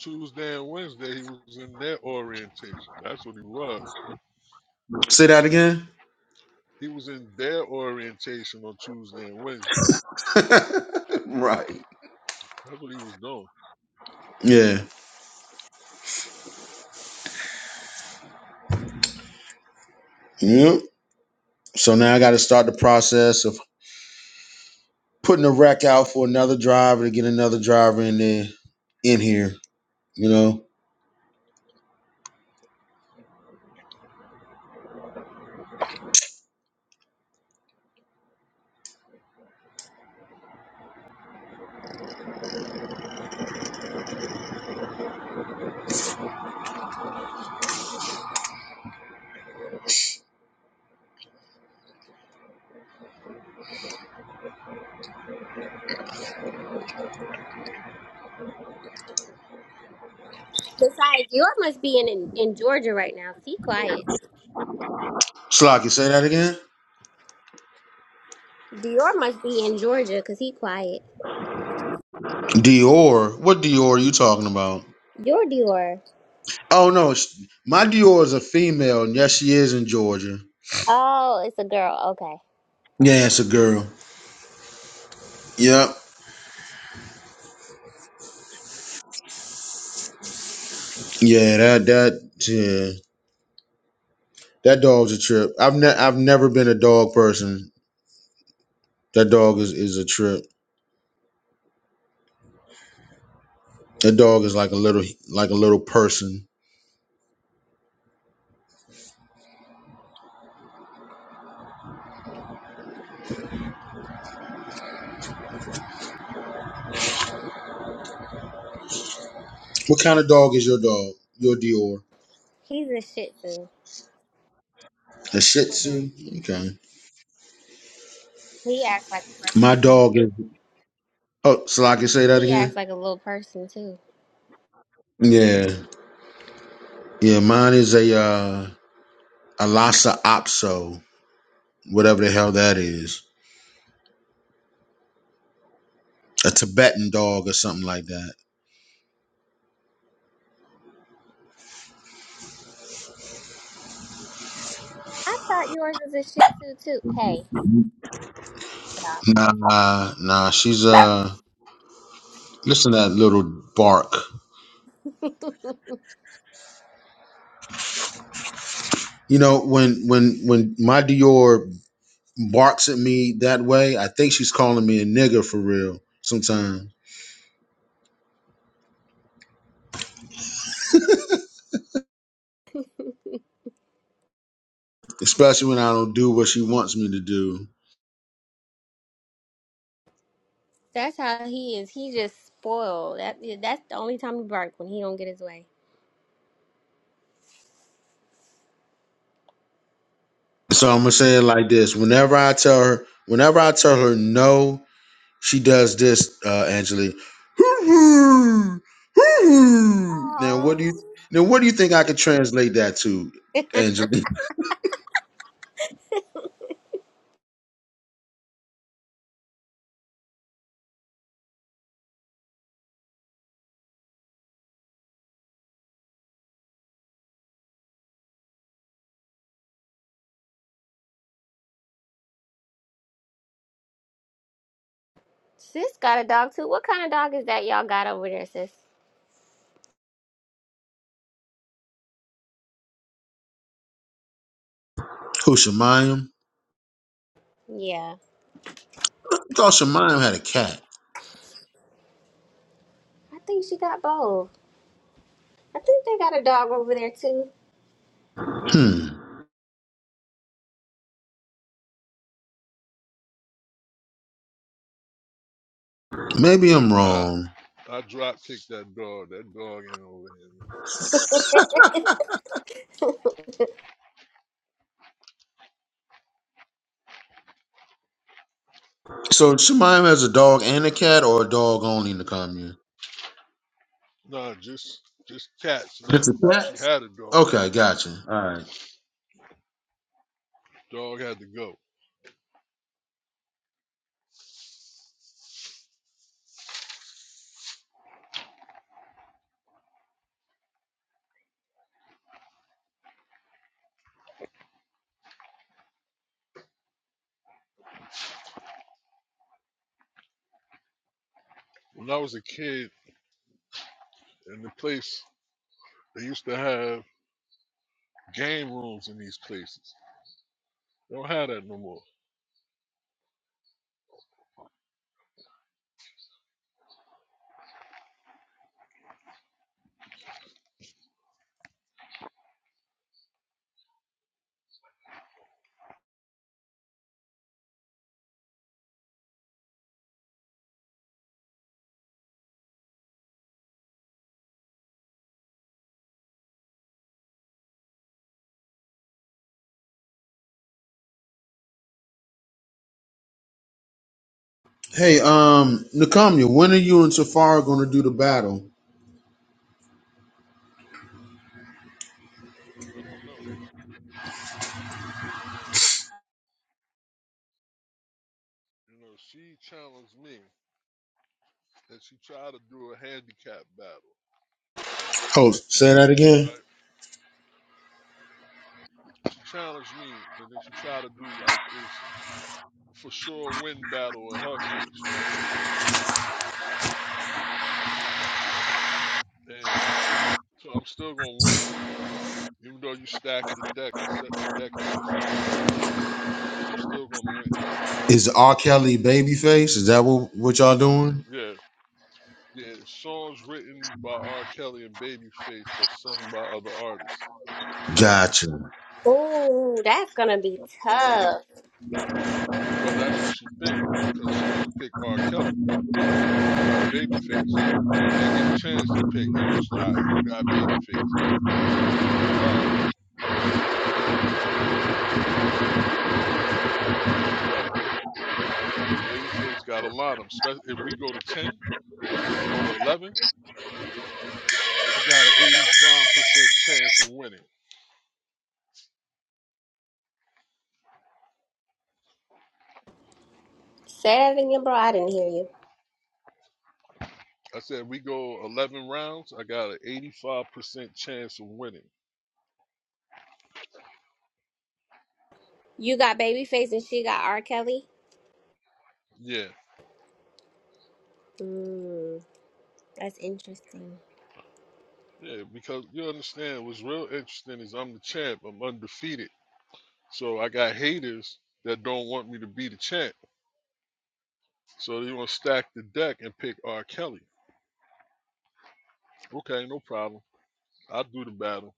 Speaker 10: Tuesday and Wednesday he was in their orientation. That's what he was.
Speaker 9: Say that again.
Speaker 10: He was in their orientation on Tuesday and Wednesday.
Speaker 9: right.
Speaker 10: That's what he was doing.
Speaker 9: Yeah. Yep. So now I got to start the process of putting a rack out for another driver to get another driver in there in here. You know.
Speaker 5: Besides, Dior must be in, in in Georgia right now. 'cause He quiet.
Speaker 9: Slocky, say that again.
Speaker 5: Dior must be in Georgia because he quiet.
Speaker 9: Dior. What Dior are you talking about?
Speaker 5: Your Dior.
Speaker 9: Oh no, sh- my Dior is a female, and yes, she is in Georgia.
Speaker 5: Oh, it's a girl. Okay.
Speaker 9: Yeah, it's a girl. Yep. Yeah, that that yeah, that dog's a trip. I've ne- I've never been a dog person. That dog is is a trip. That dog is like a little like a little person. What kind of dog is your dog? Your Dior.
Speaker 5: He's a shih tzu.
Speaker 9: A Shih
Speaker 5: Mm-hmm.
Speaker 9: Tzu. Okay.
Speaker 5: He acts like a person
Speaker 9: My
Speaker 5: too.
Speaker 9: dog is. Oh, so I can say that
Speaker 5: He acts
Speaker 9: again.
Speaker 5: like a little person too.
Speaker 9: Yeah. Yeah, mine is a uh, a Lhasa Apso. whatever the hell that is. A Tibetan dog or something like that.
Speaker 5: I thought yours was a Shih Tzu too. Hey, get off.
Speaker 9: Nah, nah, she's uh listen to that little bark. You know, when when when my Dior barks at me that way, I think she's calling me a nigger for real sometimes. Especially when I don't do what she wants me to do.
Speaker 5: That's how he is. He just spoiled. That yeah, that's the only time he bark when he don't get his way.
Speaker 9: So I'm gonna say it like this. Whenever I tell her whenever I tell her no She does this, uh, Angelique. Now what
Speaker 5: Oh.
Speaker 9: do you now what do you think I could translate that to, Angelique?
Speaker 5: Sis got a dog too. What kind of dog is that y'all got over there, sis?
Speaker 9: Who Shemayim?
Speaker 5: Yeah.
Speaker 9: I thought Shemayim had a cat.
Speaker 5: I think she got both. I think they got a dog over there too.
Speaker 9: Hmm. Maybe I'm
Speaker 10: Nah,
Speaker 9: wrong.
Speaker 10: I drop kicked that dog. That dog ain't over here no
Speaker 9: So Shemayim has a dog and a cat or a dog only in the commune?
Speaker 10: more. Nah, just just cats now.
Speaker 9: Just a chat?
Speaker 10: She had a dog.
Speaker 9: Okay, gotcha. All right.
Speaker 10: Dog had to go. When I was a kid, in the place they used to have game rooms in these places. They don't have that no more.
Speaker 9: Hey, um, Nakamia, when are you and Safari going to do the battle?
Speaker 10: I don't know. Um, you know, she challenged me and she tried to do a handicap battle,
Speaker 9: Host, say that again.
Speaker 10: right? She challenged me and then she tried to do like this for sure win battle in her case, right? And so I'm still gonna win. Even though you stack the deck and set the deck against me. I'm still gonna win.
Speaker 9: Is R. Kelly babyface? Is that what, what y'all doing?
Speaker 10: Yeah. Yeah. Songs written by R. Kelly and Babyface but sung by other artists. Right?
Speaker 9: Gotcha. All
Speaker 5: Ooh, that's gonna be tough.
Speaker 10: Well, that's what she think, cause she gonna pick R. Kelly, and I got Babyface. I ain't get a chance to pick. It was just like you got Babyface. All right, but Babyface got a lot of them. Spe- If we go to ten or go to eleven, I got an eighty-five percent chance of winning.
Speaker 5: Say that again, bro. I didn't hear you.
Speaker 10: I said we go eleven rounds, I got an eighty-five percent chance of winning.
Speaker 5: You got babyface and she got R. Kelly.
Speaker 10: Yeah,
Speaker 5: Mm. That's interesting.
Speaker 10: yeah, because you understand. What's real interesting is I'm the champ. I'm undefeated. So I got haters that don't want me to be the champ. So they gonna stack the deck and pick R. Kelly. Okay, no problem. I'll do the battle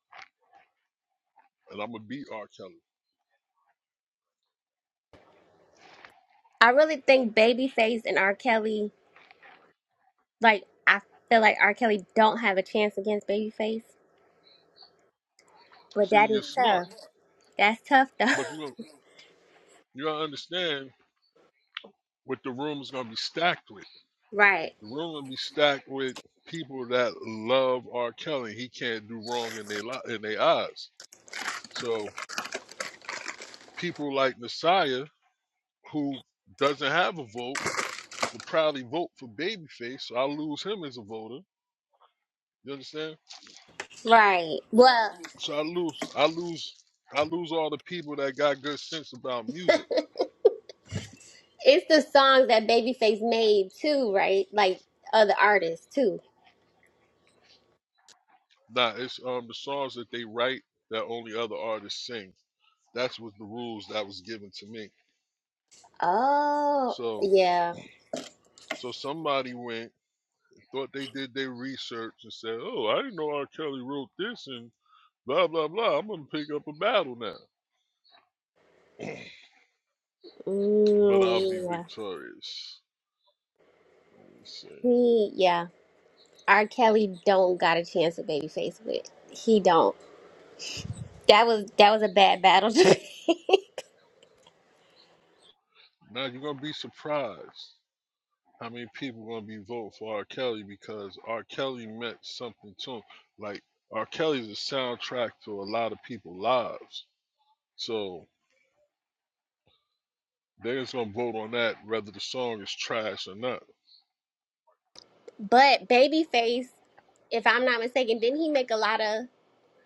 Speaker 10: and I'm gonna beat R. Kelly.
Speaker 5: I really think Babyface and R. Kelly, like, I feel like R. Kelly don't have a chance against Babyface, but
Speaker 10: See,
Speaker 5: that
Speaker 10: you're
Speaker 5: is
Speaker 10: smart,
Speaker 5: tough. That's tough, though.
Speaker 10: but you don't- you gotta understand what the room is gonna be stacked with.
Speaker 5: right,
Speaker 10: The room will be stacked with people that love R. Kelly. He can't do wrong in their li- in their eyes. So people like Messiah, who doesn't have a vote, will probably vote for Babyface. So I lose him as a voter. You understand?
Speaker 5: right. Well,
Speaker 10: So I lose, I lose, I lose all the people that got good sense about music.
Speaker 5: it's the songs that Babyface made, too, right? Like, other artists, too.
Speaker 10: Nah, it's um the songs that they write that only other artists sing. That's what the rules that was given to me.
Speaker 5: Oh,
Speaker 10: So,
Speaker 5: yeah.
Speaker 10: so somebody went thought they did their research and said, "Oh, I didn't know R. Kelly wrote this," and blah blah blah. I'm gonna pick up a battle now, but I'll
Speaker 5: Mm,
Speaker 10: be
Speaker 5: yeah.
Speaker 10: victorious. Let me see.
Speaker 5: He, yeah. R. Kelly don't got a chance with Babyface, but he don't. That was that was a bad battle to pick.
Speaker 10: Now you're gonna be surprised. How many people gonna be voting for R. Kelly because R. Kelly meant something to him. Like R. Kelly's a soundtrack to a lot of people's lives. So they're just gonna vote on that whether the song is trash or not.
Speaker 5: But Babyface, if I'm not mistaken, didn't he make a lot of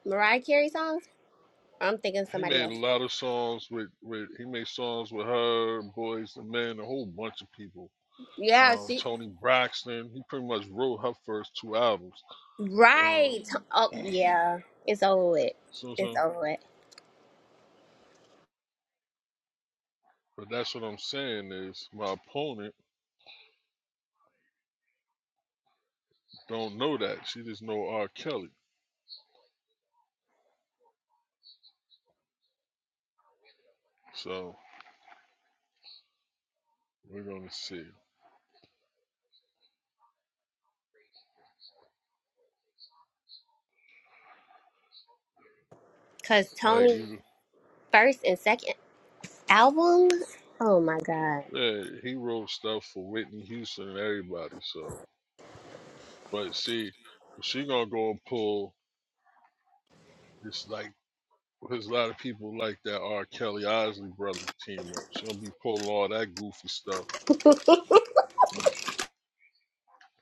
Speaker 5: Mariah Carey songs? Or I'm thinking of
Speaker 10: He
Speaker 5: somebody
Speaker 10: made a
Speaker 5: else.
Speaker 10: lot of songs with, with he made songs with her, Boys the Men, a whole bunch of people.
Speaker 5: Yeah,
Speaker 10: Um,
Speaker 5: she.
Speaker 10: Tony Braxton, he pretty much wrote her first two albums. Um,
Speaker 5: Right. To- Oh, yeah. It's over with.
Speaker 10: so,
Speaker 5: It's
Speaker 10: so,
Speaker 5: over with.
Speaker 10: but that's what I'm saying is my opponent don't know that. She just know R. Kelly. So We're gonna see.
Speaker 5: Because
Speaker 10: Like
Speaker 5: Tony
Speaker 10: you,
Speaker 5: first and second album. Oh my God.
Speaker 10: yeah, he wrote stuff for Whitney Houston and everybody. So, but see, she gonna go and pull. It's like there's a lot of people like that R. Kelly Osley brother team up. She gonna be pulling all that goofy stuff.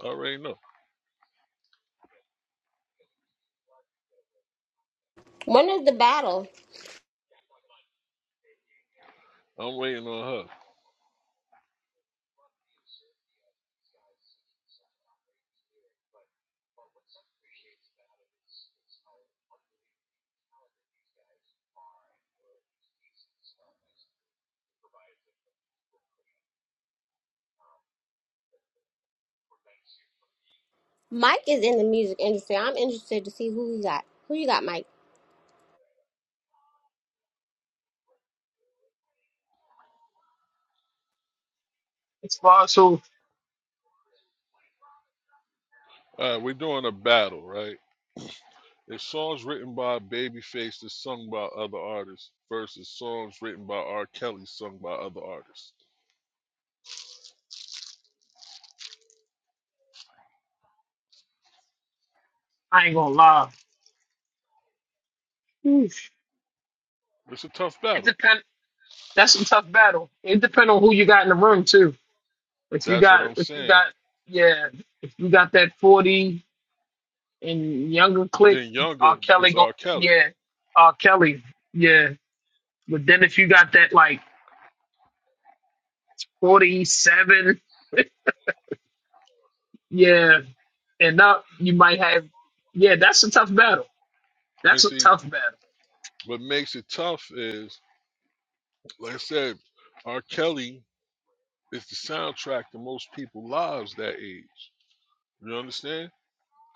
Speaker 10: I already know.
Speaker 5: When is the battle?
Speaker 10: I'm waiting on her.
Speaker 5: Mike is in the music industry. I'm interested to see who you got. Who you got, Mike?
Speaker 2: It's far so
Speaker 10: All right, we're doing a battle, right? It's songs written by Babyface that's sung by other artists versus songs written by R. Kelly sung by other artists.
Speaker 2: I ain't gonna lie. Oof.
Speaker 10: It's a tough
Speaker 2: It
Speaker 10: battle.
Speaker 2: depend. That's a tough battle. It depend on who you got in the room too. If you
Speaker 10: That's what
Speaker 2: got,
Speaker 10: I'm
Speaker 2: if you
Speaker 10: saying.
Speaker 2: got, yeah, if you got that forty and younger click,
Speaker 10: Then
Speaker 2: R.
Speaker 10: younger
Speaker 2: Kelly
Speaker 10: is
Speaker 2: go,
Speaker 10: R. Kelly.
Speaker 2: yeah, R. Kelly, yeah. But then if you got that like forty-seven, yeah, and up, you might have, yeah. That's a tough battle. That's
Speaker 10: And
Speaker 2: a
Speaker 10: see,
Speaker 2: tough battle.
Speaker 10: what makes it tough is, like I said, R. Kelly is the soundtrack to most people's lives that age. You understand?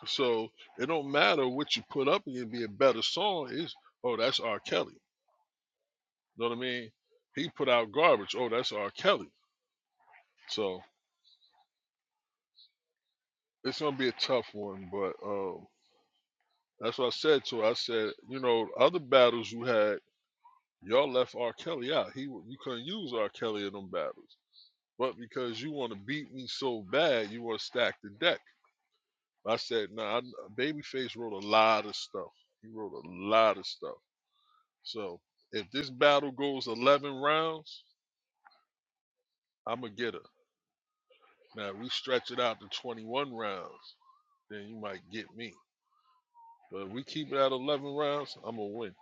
Speaker 10: So it don't matter what you put up and it'd be a better song is oh that's R. Kelly. You know what I mean? He put out garbage. Oh, that's R. Kelly. So it's gonna be a tough one, but um that's what I said to her. I said, you know, other battles you had, y'all left R. Kelly out. He w- you couldn't use R. Kelly in them battles. but because you want to beat me so bad, you want to stack the deck. I said, nah, I'm- Babyface wrote a lot of stuff. He wrote a lot of stuff. So if this battle goes 11 rounds, I'm going to get her. Now, if we stretch it out to 21 rounds, then you might get me. But if we keep it at 11 rounds, I'm going to win.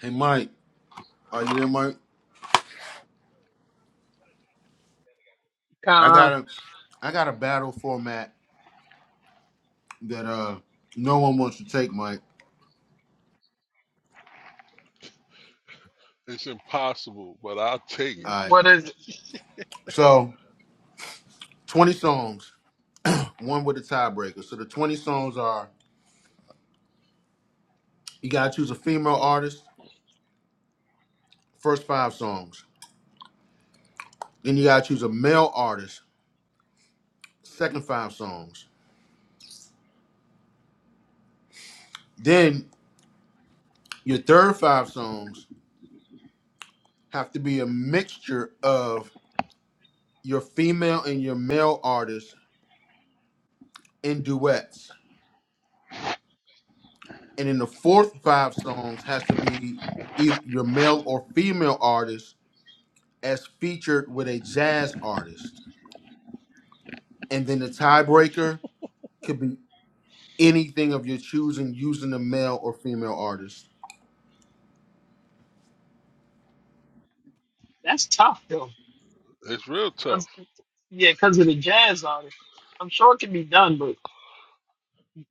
Speaker 1: Hey Mike, are you there, Mike? I
Speaker 2: Uh,
Speaker 1: got a I got a battle format that uh no one wants to take, Mike.
Speaker 10: It's impossible, but I'll take it.
Speaker 1: Alright.
Speaker 2: what is it?
Speaker 1: So twenty songs, one with a tiebreaker. So the twenty songs are you gotta choose a female artist, first five songs. Then you gotta choose a male artist, second five songs. Then your third five songs have to be a mixture of your female and your male artists in duets. and then the fourth five songs has to be either your male or female artist as featured with a jazz artist and then the tiebreaker could be anything of your choosing using the male or female artist
Speaker 2: That's tough though.
Speaker 10: It's real tough.
Speaker 2: 'Cause- yeah, because of the jazz artist. I'm sure it can be done, but.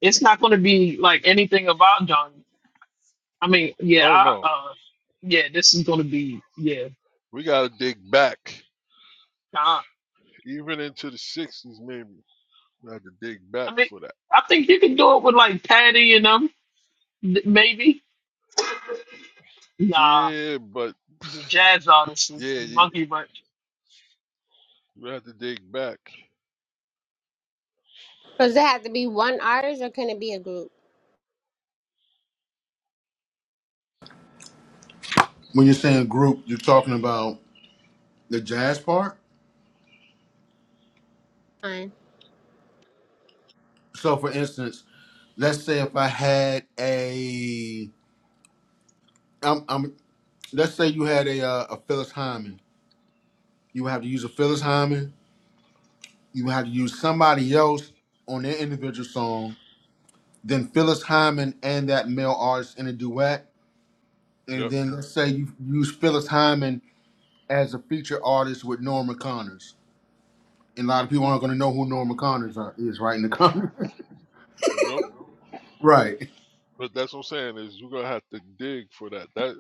Speaker 2: it's not going to be like anything about John. I mean, yeah,
Speaker 10: Oh,
Speaker 2: I,
Speaker 10: no.
Speaker 2: uh, yeah, this is going to be, yeah.
Speaker 10: We got to dig back,
Speaker 2: Nah,
Speaker 10: even into the 60s, maybe. We have to dig
Speaker 2: I
Speaker 10: back
Speaker 2: mean,
Speaker 10: for that.
Speaker 2: I think you can do it with like Patty and them, th- maybe. Nah,
Speaker 10: Yeah, but
Speaker 2: the jazz artists,
Speaker 10: yeah,
Speaker 2: the
Speaker 10: you,
Speaker 2: Monkey Bunch.
Speaker 10: you have to dig back.
Speaker 5: Does it have to be one artist or can it be a group?
Speaker 1: when you're saying group you're talking about the jazz part
Speaker 5: Fine.
Speaker 1: so for instance let's say if i had a I'm, I'm let's say you had a uh, a phyllis hyman you would have to use a phyllis
Speaker 10: hmm
Speaker 1: hyman you would have to use somebody else on their individual song then Phyllis Hyman and that male artist in a duet, and
Speaker 10: Yep.
Speaker 1: then let's say you use Phyllis Hyman as a feature artist with Norma Connors. And a lot of people aren't going to know who Norma Connors are, is, right? In the con,
Speaker 10: Nope.
Speaker 1: right?
Speaker 10: But that's what I'm saying is you're gonna have to dig for that. That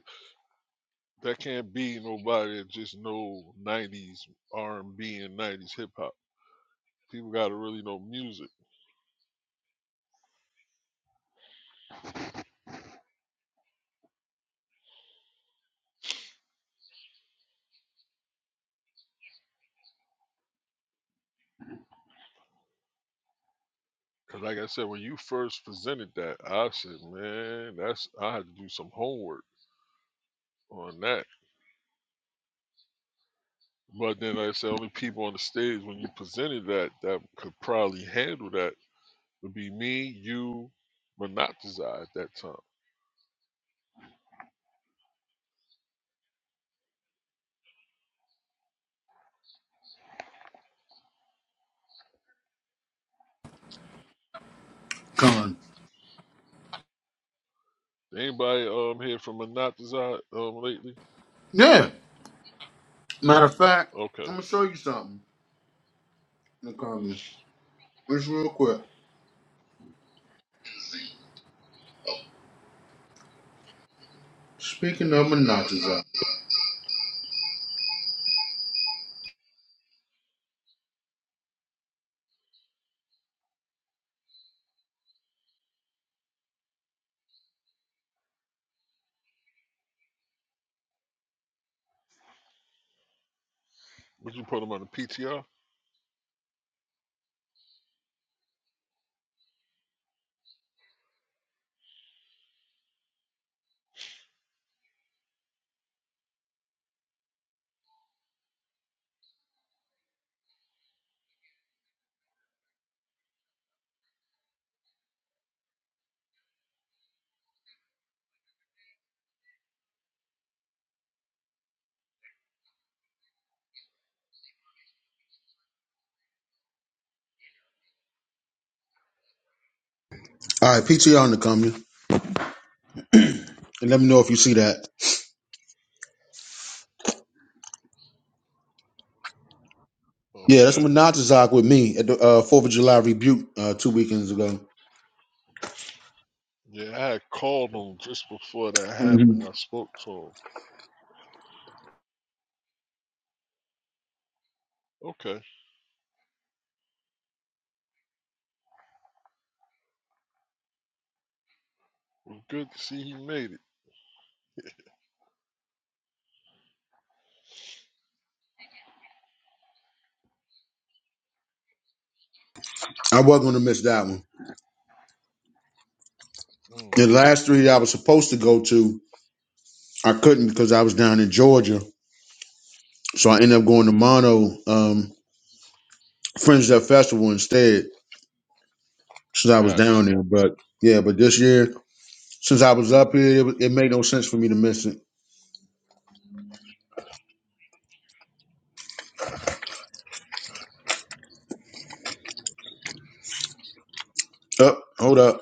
Speaker 10: that can't be nobody that just know '90s R&B and '90s hip hop. People gotta really know music. Cause like I said, when you first presented that, I said, man, that's I had to do some homework on that. But then like I said only people on the stage when you presented that that could probably handle that would be me, you, Monatizai at that time.
Speaker 1: Con.
Speaker 10: Anybody um here from Monatizai um lately?
Speaker 1: Yeah. Matter of fact,
Speaker 10: Okay.
Speaker 1: I'm gonna show you something. Nakami. Just real quick. Speaking of Minaj.
Speaker 10: Would you put him on the PTR?
Speaker 9: right, PTR Nakamia. And let me know if you see that. Yeah, that's
Speaker 10: Okay.
Speaker 9: Monatazak with me at the uh, 4th of July rebuke uh, two weekends ago.
Speaker 10: Yeah, I had called him just before that
Speaker 9: Mhm.
Speaker 10: happened. I spoke to him. Okay. Well, good to see he made it.
Speaker 9: I was going to miss that one.
Speaker 10: Mm,
Speaker 9: The last three that I was supposed to go to, I couldn't because I was down in Georgia. So I ended up going to Mono um, Fringe Up Festival instead since I was down
Speaker 10: gotcha.
Speaker 9: there. But yeah, but this year since I was up here, it, wa- it made no sense for me to miss it. Up, hold up,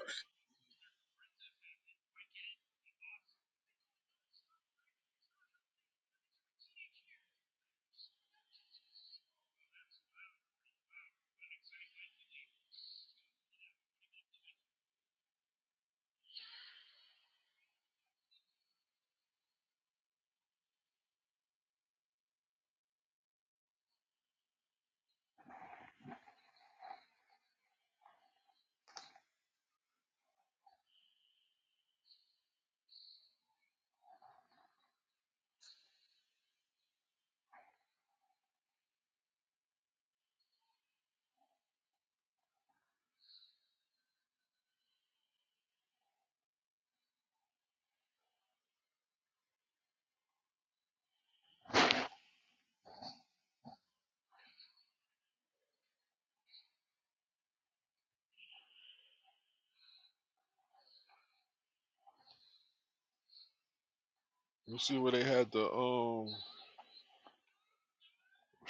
Speaker 10: You see where they had to um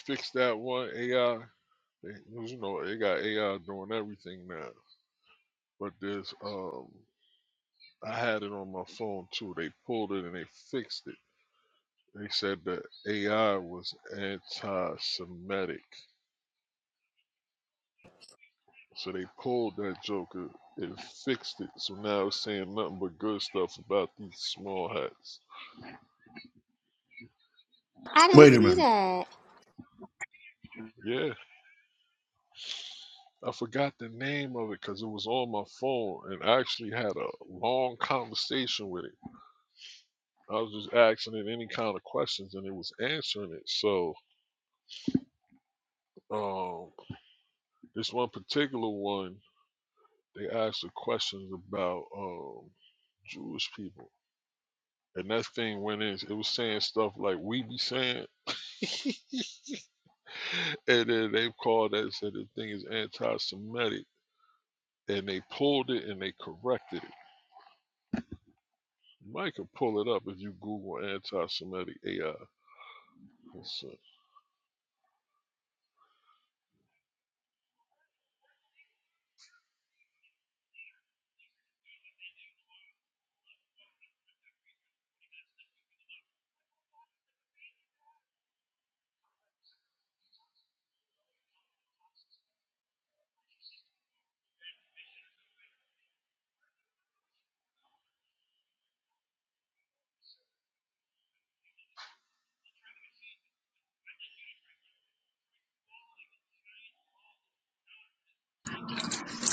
Speaker 10: fix that one AI? They, well, you know, they got AI doing everything now. But there's um, I had it on my phone too. They pulled it and they fixed it They said that AI was anti-Semitic, so they pulled that Joker and fixed it. So now it's saying nothing but good stuff about these small hats.
Speaker 5: I didn't
Speaker 9: wait a
Speaker 5: see
Speaker 9: minute.
Speaker 5: that.
Speaker 10: Yeah, I forgot the name of it because it was on my phone, and I actually had a long conversation with it. I was just asking it any kind of questions, and it was answering it. So, um, this one particular one, they asked the questions about um Jewish people And that thing went in, it was saying stuff like we be saying, and then they called that and said the thing is anti Semitic. And they pulled it and they corrected it. You might could pull it up if you Google anti Semitic AI. So-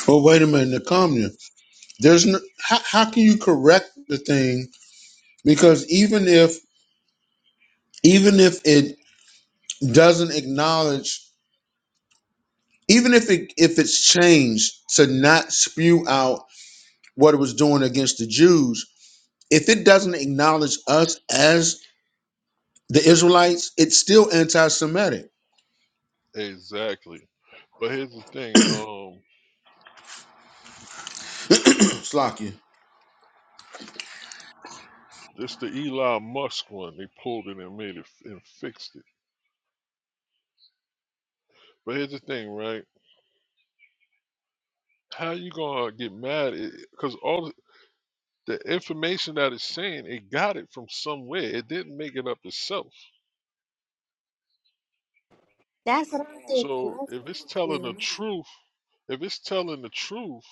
Speaker 9: Oh, wait a minute, Nakamiya. There's no, how, how can you correct the thing because even if even if it doesn't acknowledge, even if it if it's changed to not spew out what it was doing against the Jews, if it doesn't acknowledge us as the Israelites, it's still anti-Semitic.
Speaker 10: Exactly. But here's the thing, um,
Speaker 9: Slakia.
Speaker 10: this the Elon Musk one, they pulled it and made it f- and fixed it. But here's the thing, right? How you gonna get mad? Because all the the information that it's saying, it got it from somewhere. It didn't make it up itself.
Speaker 5: That's what I'm thinking.
Speaker 10: So
Speaker 5: That's
Speaker 10: if
Speaker 5: what
Speaker 10: it's
Speaker 5: I'm
Speaker 10: telling the
Speaker 5: thinking.
Speaker 10: truth, if it's telling the truth,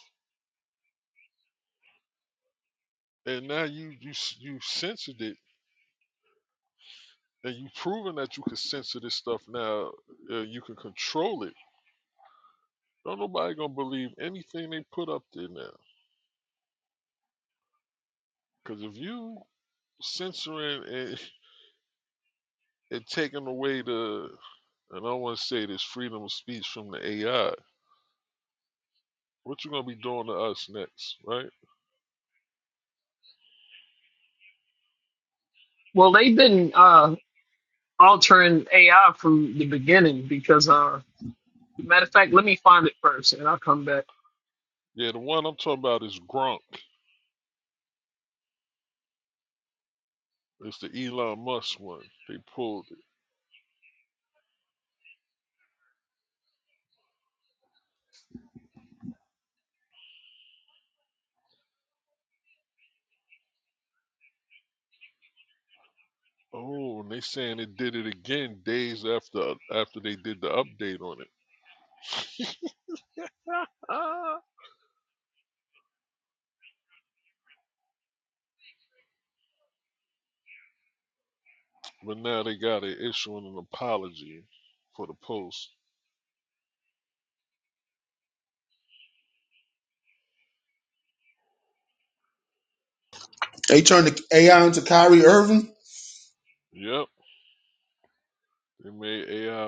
Speaker 10: and now you you s- you censored it, and you proven that you can censor this stuff now, uh, you can control it. Don't nobody gonna believe anything they put up there now, because if you censoring and, and taking away the, and I don't want to say this freedom of speech from the AI, what you gonna be doing to us next, right?
Speaker 2: Well, they've been uh altering AI from the beginning because, uh, matter of fact, let me find it first and I'll come back.
Speaker 10: Yeah, the one I'm talking about is Gronk. It's the Elon Musk one. They pulled. Oh, and they saying it did it again days after after they did the update on it. but now they got it issuing an apology for the post.
Speaker 9: They turned the AI into Kyrie Irving.
Speaker 10: Yep, they made AI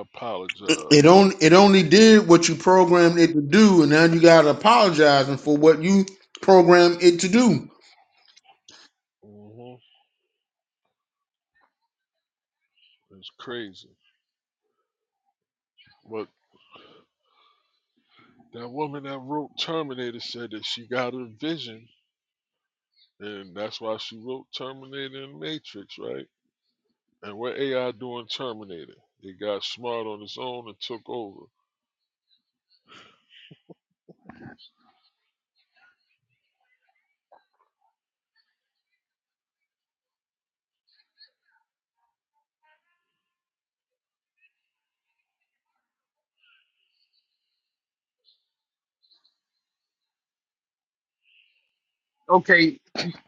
Speaker 9: It
Speaker 10: apologize.
Speaker 9: only it only did what you programmed it to do, and now you gotta apologizing for what you programmed it to do.
Speaker 10: hmm It's crazy. But that woman that wrote Terminator said that she got her vision, and that's why she wrote Terminator and Matrix, right? And what AI doing Terminator? It got smart on its own and took over.
Speaker 2: Okay,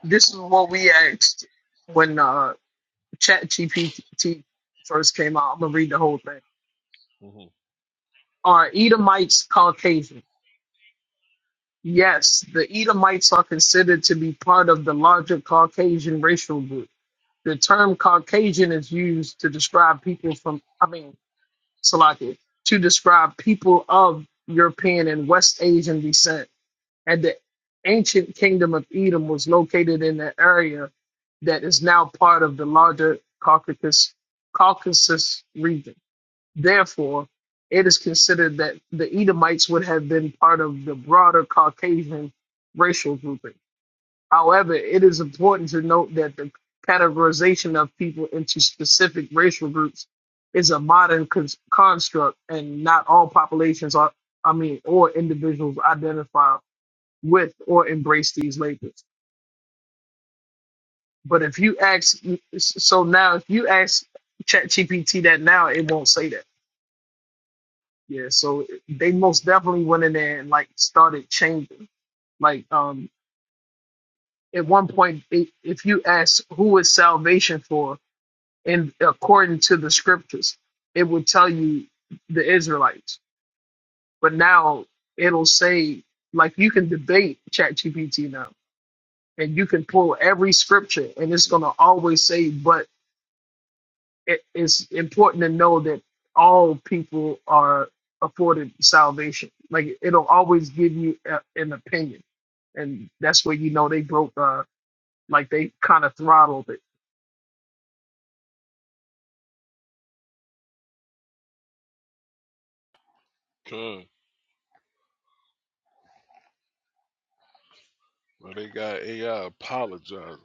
Speaker 2: this is what we asked when uh ChatGPT first came out. I'm gonna read the whole thing. Are Edomites Caucasian? Yes, the Edomites are considered to be part of the larger Caucasian racial group. The term Caucasian is used to describe people from, I mean, Salakia, to describe people of European and West Asian descent. And the ancient kingdom of Edom was located in the area that is now part of the larger Caucasus, Caucasus region. Therefore, it is considered that the Edomites would have been part of the broader Caucasian racial grouping. However, it is important to note that the categorization of people into specific racial groups is a modern cons- construct, and not all populations are, I mean, or individuals identify with or embrace these labels. But if you ask, so now if you ask ChatGPT that now, it won't say that Yeah, so they most definitely went in there and like started changing. Like um at one point i if you ask who is salvation for and according to the scriptures, it would tell you the Israelites. But now it'll say like you can debate ChatGPT now and you can pull every scripture and it's going to always say but it, it's important to know that all people are afforded salvation. Like it'll always give you a, an opinion, and that's where you know they broke. Uh, like they kind of throttled it.
Speaker 10: Mm-hmm. Well, they got AI apologizing.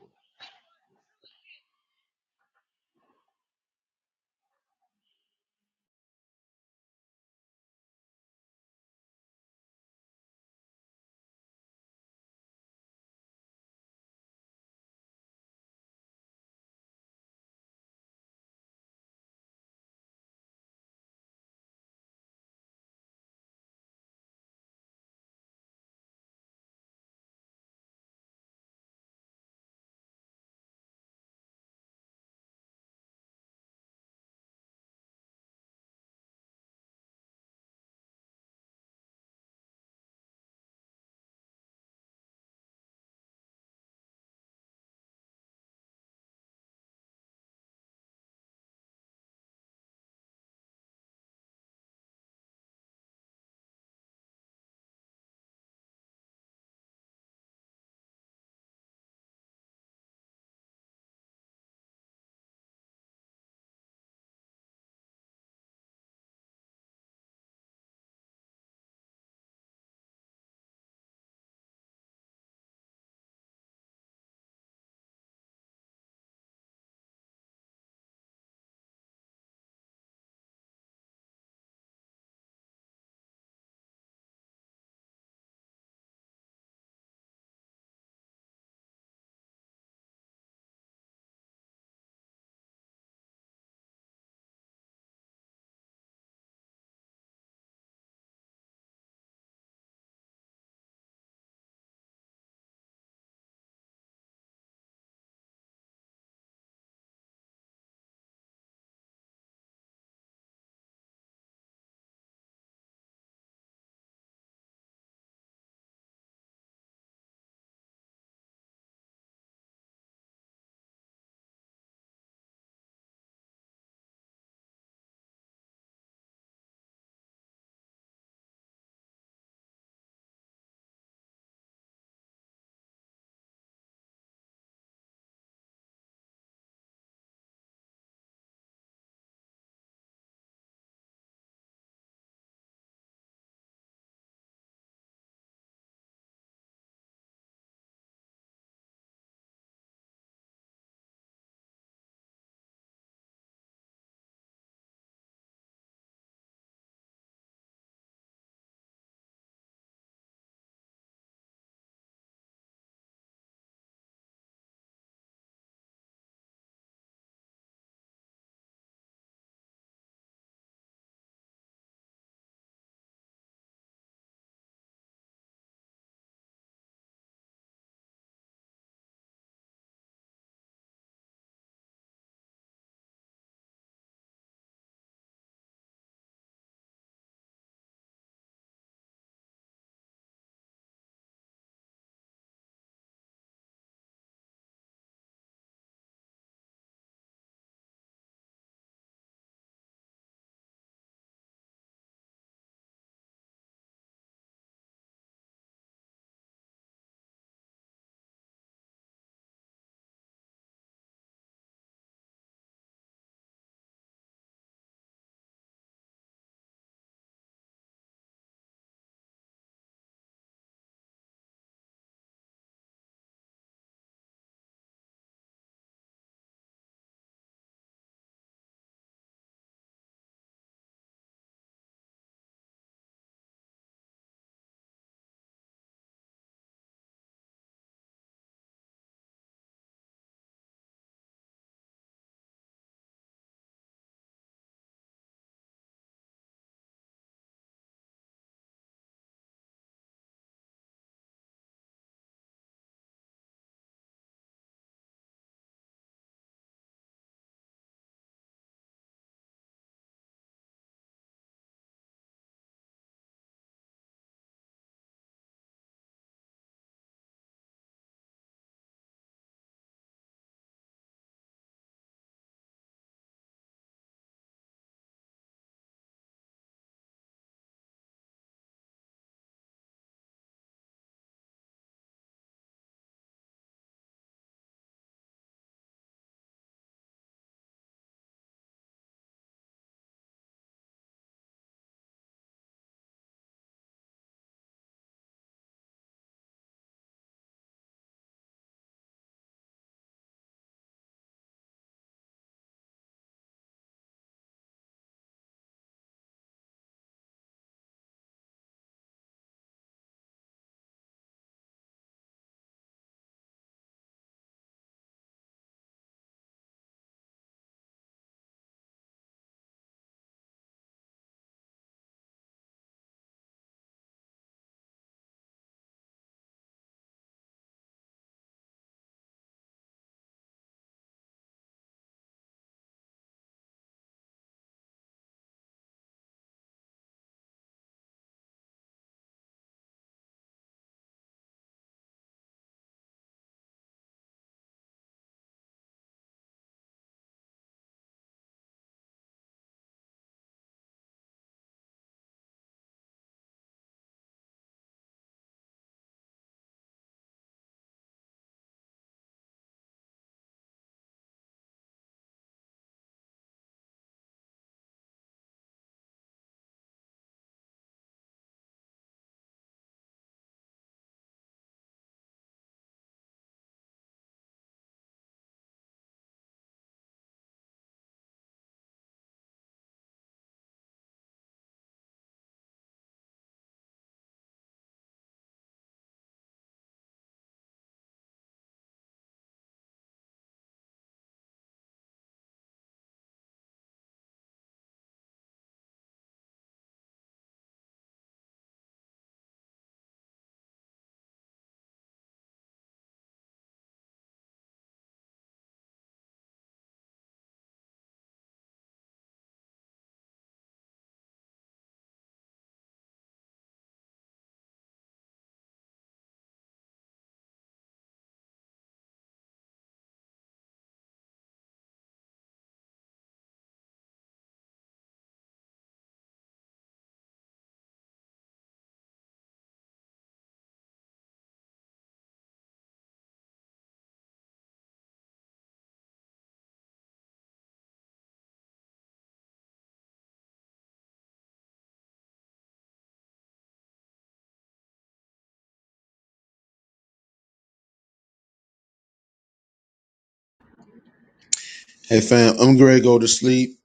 Speaker 9: Hey fam, I'm gonna go to sleep.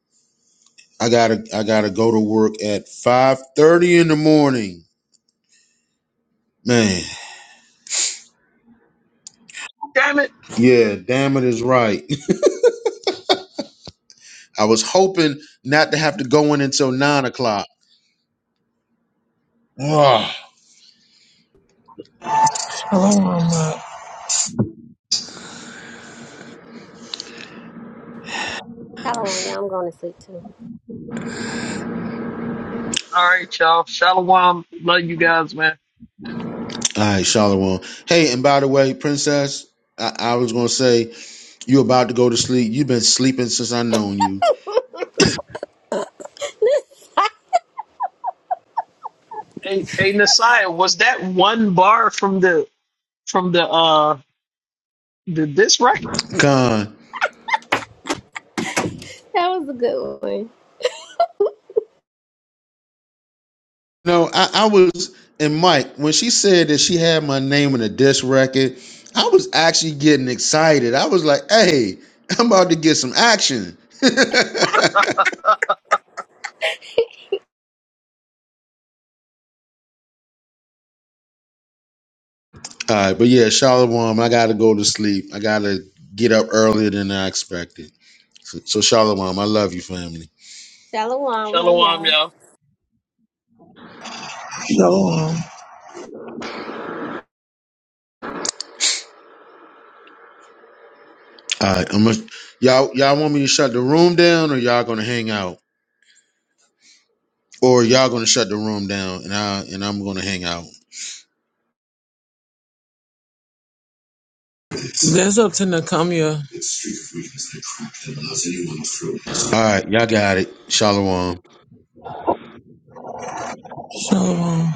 Speaker 9: I gotta I gotta go to work at five thirty in the morning. Man,
Speaker 2: Damn it!
Speaker 9: yeah, damn it is right. I was hoping not to have to go in until nine o'clock. Ah.
Speaker 7: Shalom. uh,
Speaker 5: Shalom, y'all. I'm going to sleep too.
Speaker 2: All right, y'all. Shalom. Love you guys, man.
Speaker 9: All right, Shalom. Hey, and by the way, Princess, I, I was gonna say you about to go to sleep. You've been sleeping since I known you.
Speaker 2: Hey, hey, Nasiah, was that one bar from the from the uh the this record?
Speaker 9: God,
Speaker 5: That was a good one.
Speaker 9: No, I, I was and Mike, when she said that she had my name in a disc record, I was actually getting excited. I was like, hey, I'm about to get some action. All right, but yeah, Shalom, I gotta go to sleep. I gotta get up earlier than I expected. So, so Shalom, I love you, family.
Speaker 5: Shalom. Love
Speaker 2: Shalom,
Speaker 5: y'all.
Speaker 2: y'all.
Speaker 7: Shalom.
Speaker 9: All right, I'm gonna, y'all y'all want me to shut the room down or y'all gonna hang out? Or y'all gonna shut the room down and I and I'm gonna hang out.
Speaker 7: That's up to Nakamia.
Speaker 9: All right, y'all got it. Shalom.
Speaker 7: Shalom.